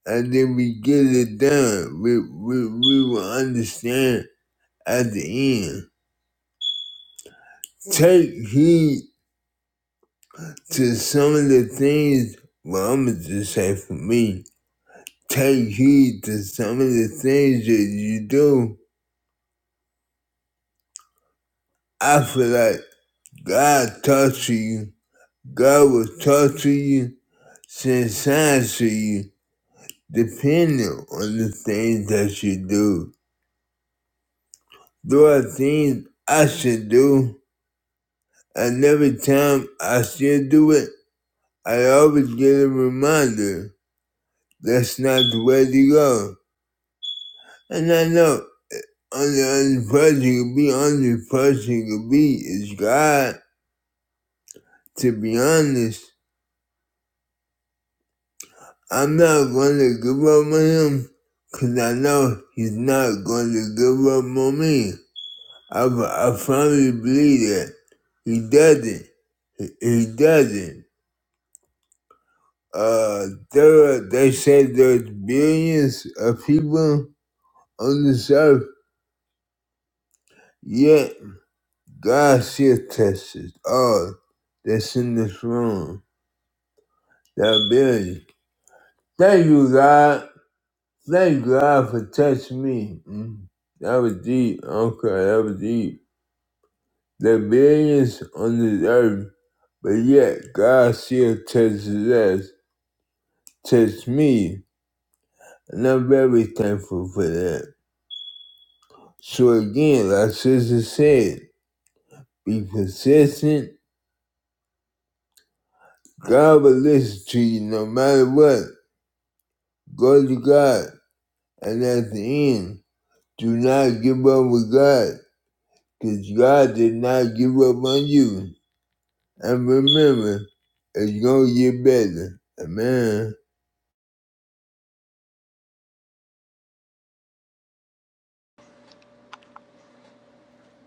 Speaker 2: and then we get it done. We, we, we will understand at the end. Take heed to some of the things, well, I'm going to just say for me, take heed to some of the things that you do I feel like God talks to you. God will talk to you, send signs to you, depending on the things that you do. There are things I should do, and every time I still do it, I always get a reminder that's not the way to go. And I know only other person you can be, only person you can be is God, to be honest. I'm not going to give up on him because I know he's not going to give up on me. I, I firmly believe that. He doesn't. He, he doesn't. Uh, there they say there's billions of people on this earth, yet God still touches all that's in this room. That billion. Thank you, God. Thank God for touching me. Mm. That was deep. Okay, that was deep. The billions on this earth, but yet God still touches us, touch me. And I'm very thankful for that. So again, like sister said, be persistent. God will listen to you no matter what. Go to God. And at the end, do not give up with God, because God did not give up on you. And remember, it's gonna get better. Amen.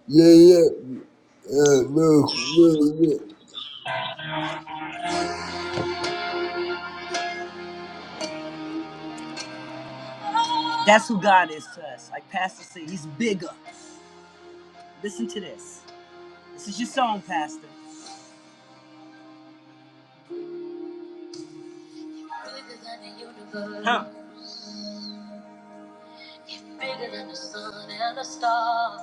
Speaker 2: Yeah, yeah. Uh, real, real, real.
Speaker 3: That's who God is to us. Like Pastor said, He's bigger. Listen to this. This is your song, Pastor. Huh. You're bigger than the sun and the stars.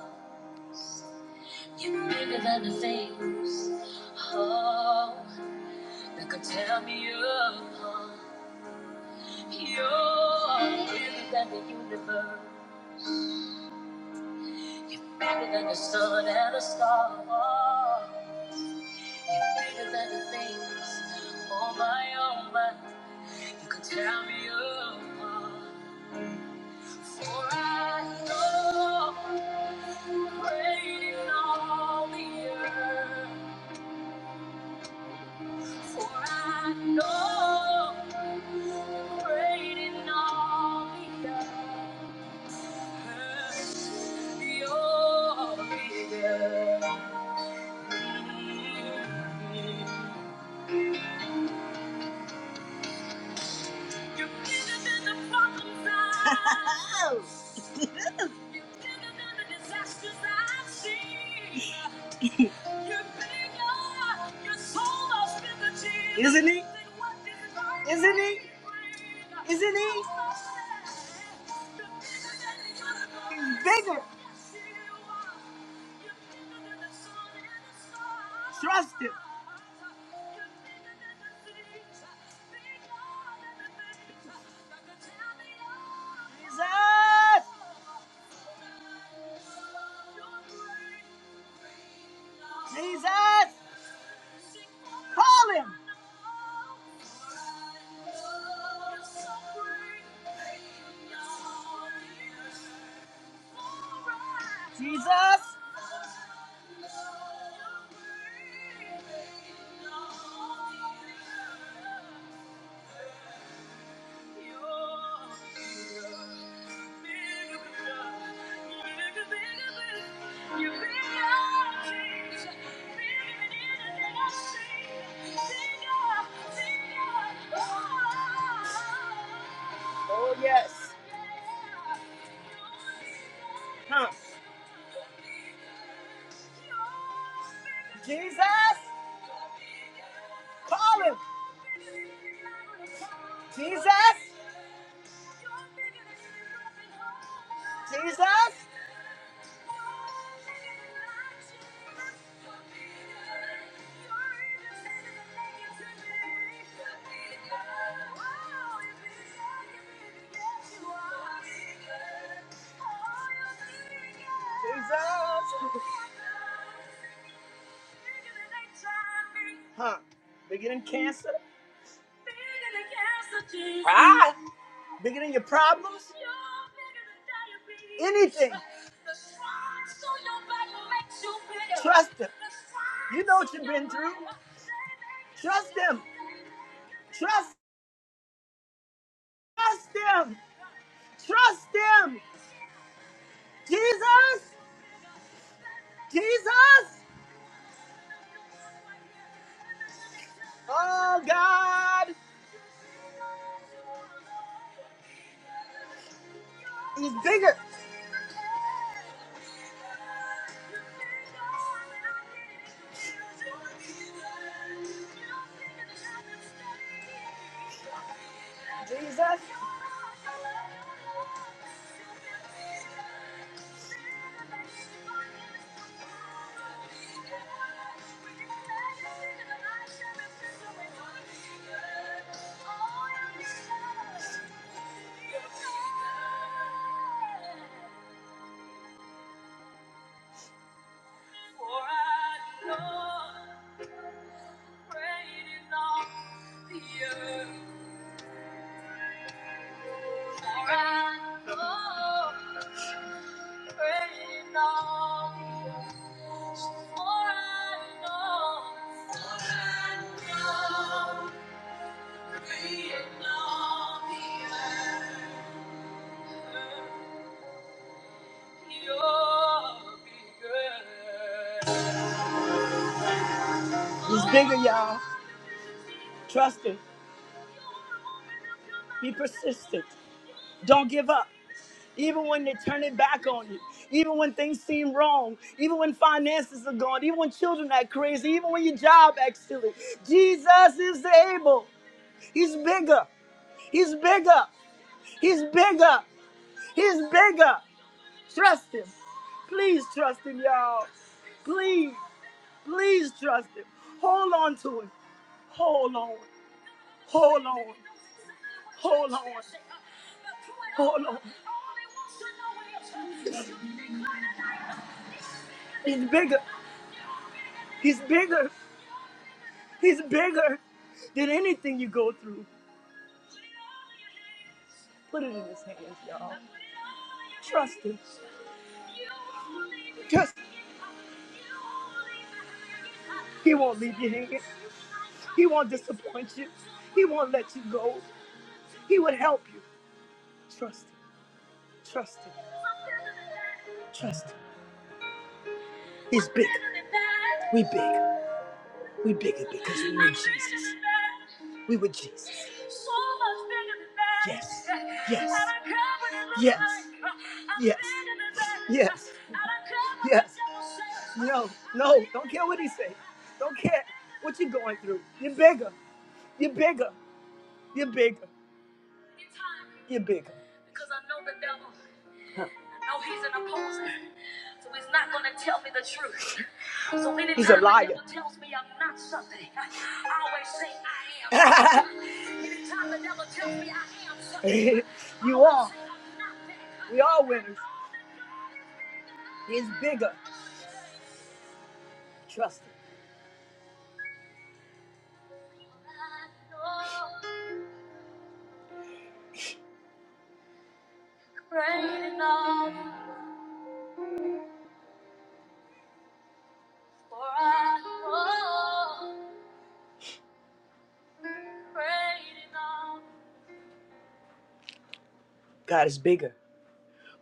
Speaker 3: You're bigger than the things. Oh, that could tear me apart. You're bigger than the universe. You're bigger than the sun and the stars. You're greater than the things on my own mind. You can tell me apart. For I know great all the earth. For I know great all the earth. You're bigger. You're bigger than the problems I've seen. You're bigger than the disasters I've seen. You're bigger. You're so much bigger, Jesus. Isn't he? Isn't he? Isn't he? bigger He's bigger. Yes, Trust him. Jesus. Jesus, call him. Jesus. Oh, yes. Huh. Jesus, call him. Jesus. Jesus. Jesus. Huh. Bigger than cancer. Ah. Bigger than your problems. Anything. Trust him. You know what you've been through. Trust him. Trust, trust him. Trust him. Jesus. Jesus. Oh, God is bigger. He's bigger, y'all. Trust him. Be persistent. Don't give up. Even when they turn it back on you, even when things seem wrong, even when finances are gone, even when children act crazy, even when your job acts silly, Jesus is able. He's bigger. He's bigger. He's bigger. He's bigger. Trust him. Please trust him, y'all. Please, please trust him. Hold on to him. Hold on. Hold on. Hold on. Hold on. He's bigger. He's bigger. He's bigger than anything you go through. Put it in his hands, y'all. Trust him. Just he won't leave you hanging. He won't disappoint you. He won't let you go. He would help you. Trust him. Trust him. Trust him. He's big. We big. We bigger because we with Jesus. We with Jesus. So Yes. Yes. Yes. Yes. Yes. Yes. No. No. Don't care what he say. Don't care what you're going through. You're bigger. You're bigger. You're bigger. You're bigger. So many He's a times liar. The devil tells me I'm not something. I always say I am. Anytime the devil tells me I am something, I you I always are. say I'm not that. We are winners. He's bigger. Trust it. God is bigger.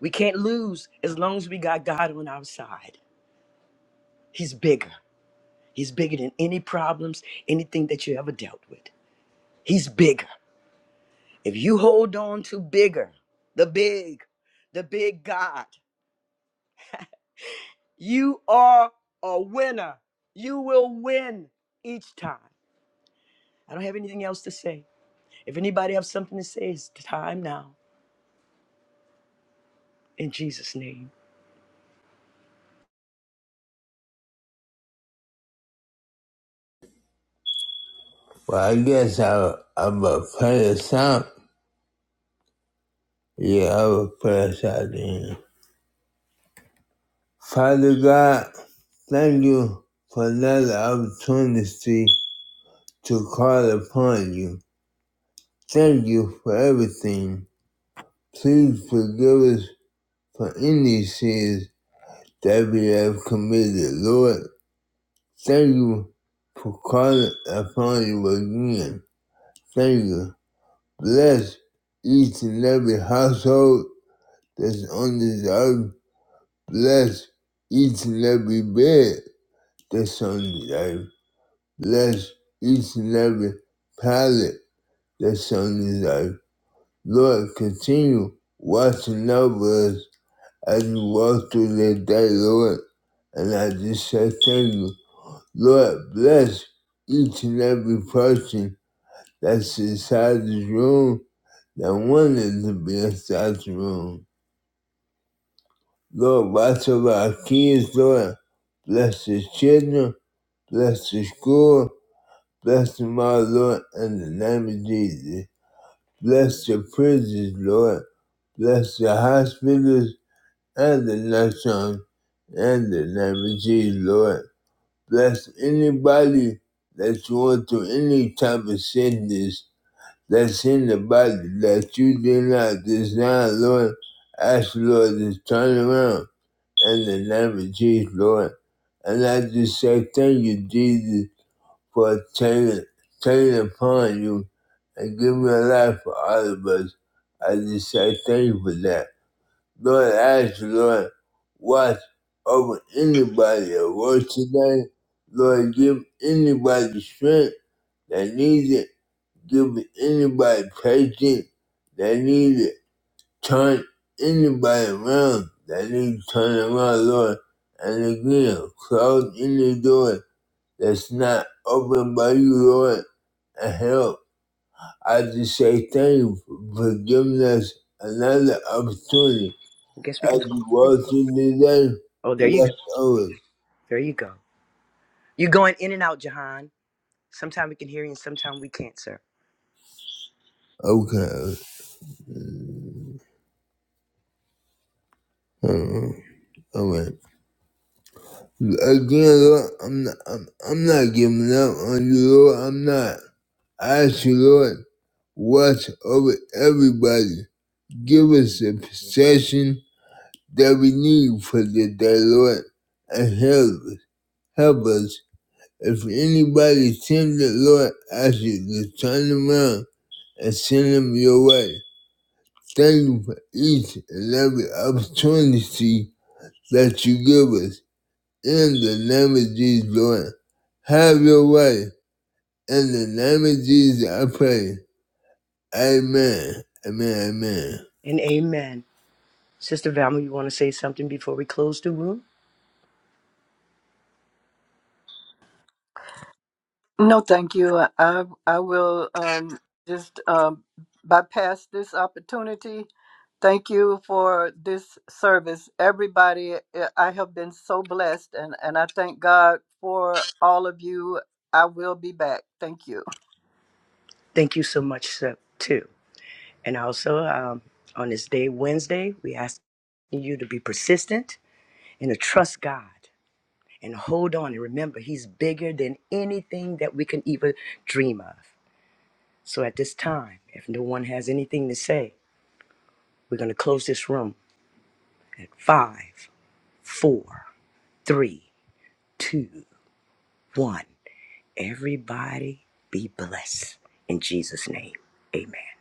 Speaker 3: We can't lose as long as we got God on our side. He's bigger. He's bigger than any problems, anything that you ever dealt with. He's bigger. If you hold on to bigger, the big, the big God. You are a winner. You will win each time. I don't have anything else to say. If anybody has something to say, it's time now. In Jesus' name.
Speaker 2: Well, I guess I, I'm a play a song. Yeah, I will pray a song then. Father God, thank you for another opportunity to call upon you. Thank you for everything. Please forgive us for any sins that we have committed, Lord. Thank you for calling upon you again. Thank you. Bless each and every household that's on this earth. Bless each and every bed that's on this earth. Bless each and every pallet that's on this earth. Lord, continue watching over us as we walk through the day, Lord. And I just say thank you. Lord, bless each and every person that's inside this room that wanted to be inside the room. Lord, watch over our kids, Lord. Bless the children, bless the school, bless them all, Lord, in the name of Jesus. Bless the prisons, Lord. Bless the hospitals and the nursing homes in the name of Jesus, Lord. Bless anybody that you want to any type of sickness that's in the body that you did not design, Lord. Ask, the Lord, to turn around in the name of Jesus, Lord. And I just say thank you, Jesus, for turning, turning upon you and giving your life for all of us. I just say thank you for that. Lord, I ask you, Lord, watch over anybody at work today. Lord, give anybody the strength that needs it give me anybody patient that need it. Turn anybody around that need to turn around, Lord. And again, close any door that's not open by you, Lord, and help. I just say thank you for giving us another opportunity
Speaker 3: I guess we
Speaker 2: as
Speaker 3: can close
Speaker 2: we
Speaker 3: the room.
Speaker 2: walk through the day.
Speaker 3: Oh, there you go.
Speaker 2: Watch over.
Speaker 3: There you go. You're going in and out, Jahan. Sometimes we can hear you and sometimes we can't, sir.
Speaker 2: Okay. Uh, Alright. Again, Lord, I'm not, I'm, I'm not giving up on you, Lord. I'm not. ask you, Lord, watch over everybody. Give us the possession that we need for the day, Lord, and help us. Help us. If anybody sinned Lord, ask you to turn them around and send them your way. Thank you for each and every opportunity that you give us. In the name of Jesus, Lord, have your way. In the name of Jesus, I pray. Amen. Amen. Amen.
Speaker 3: And amen. Sister Valma, you want to say something before we close the room?
Speaker 4: No, thank you. I I will um, just um, bypass this opportunity. Thank you for this service, everybody. I I have been so blessed, and and I thank God for all of you. I will be back. Thank you.
Speaker 3: Thank you so much, sir, too. And also, um, on this day, Wednesday, we ask you to be persistent and to trust God. and hold on and remember he's bigger than anything that we can even dream of so at this time if no one has anything to say we're going to close this room at five four three two one everybody be blessed in jesus name amen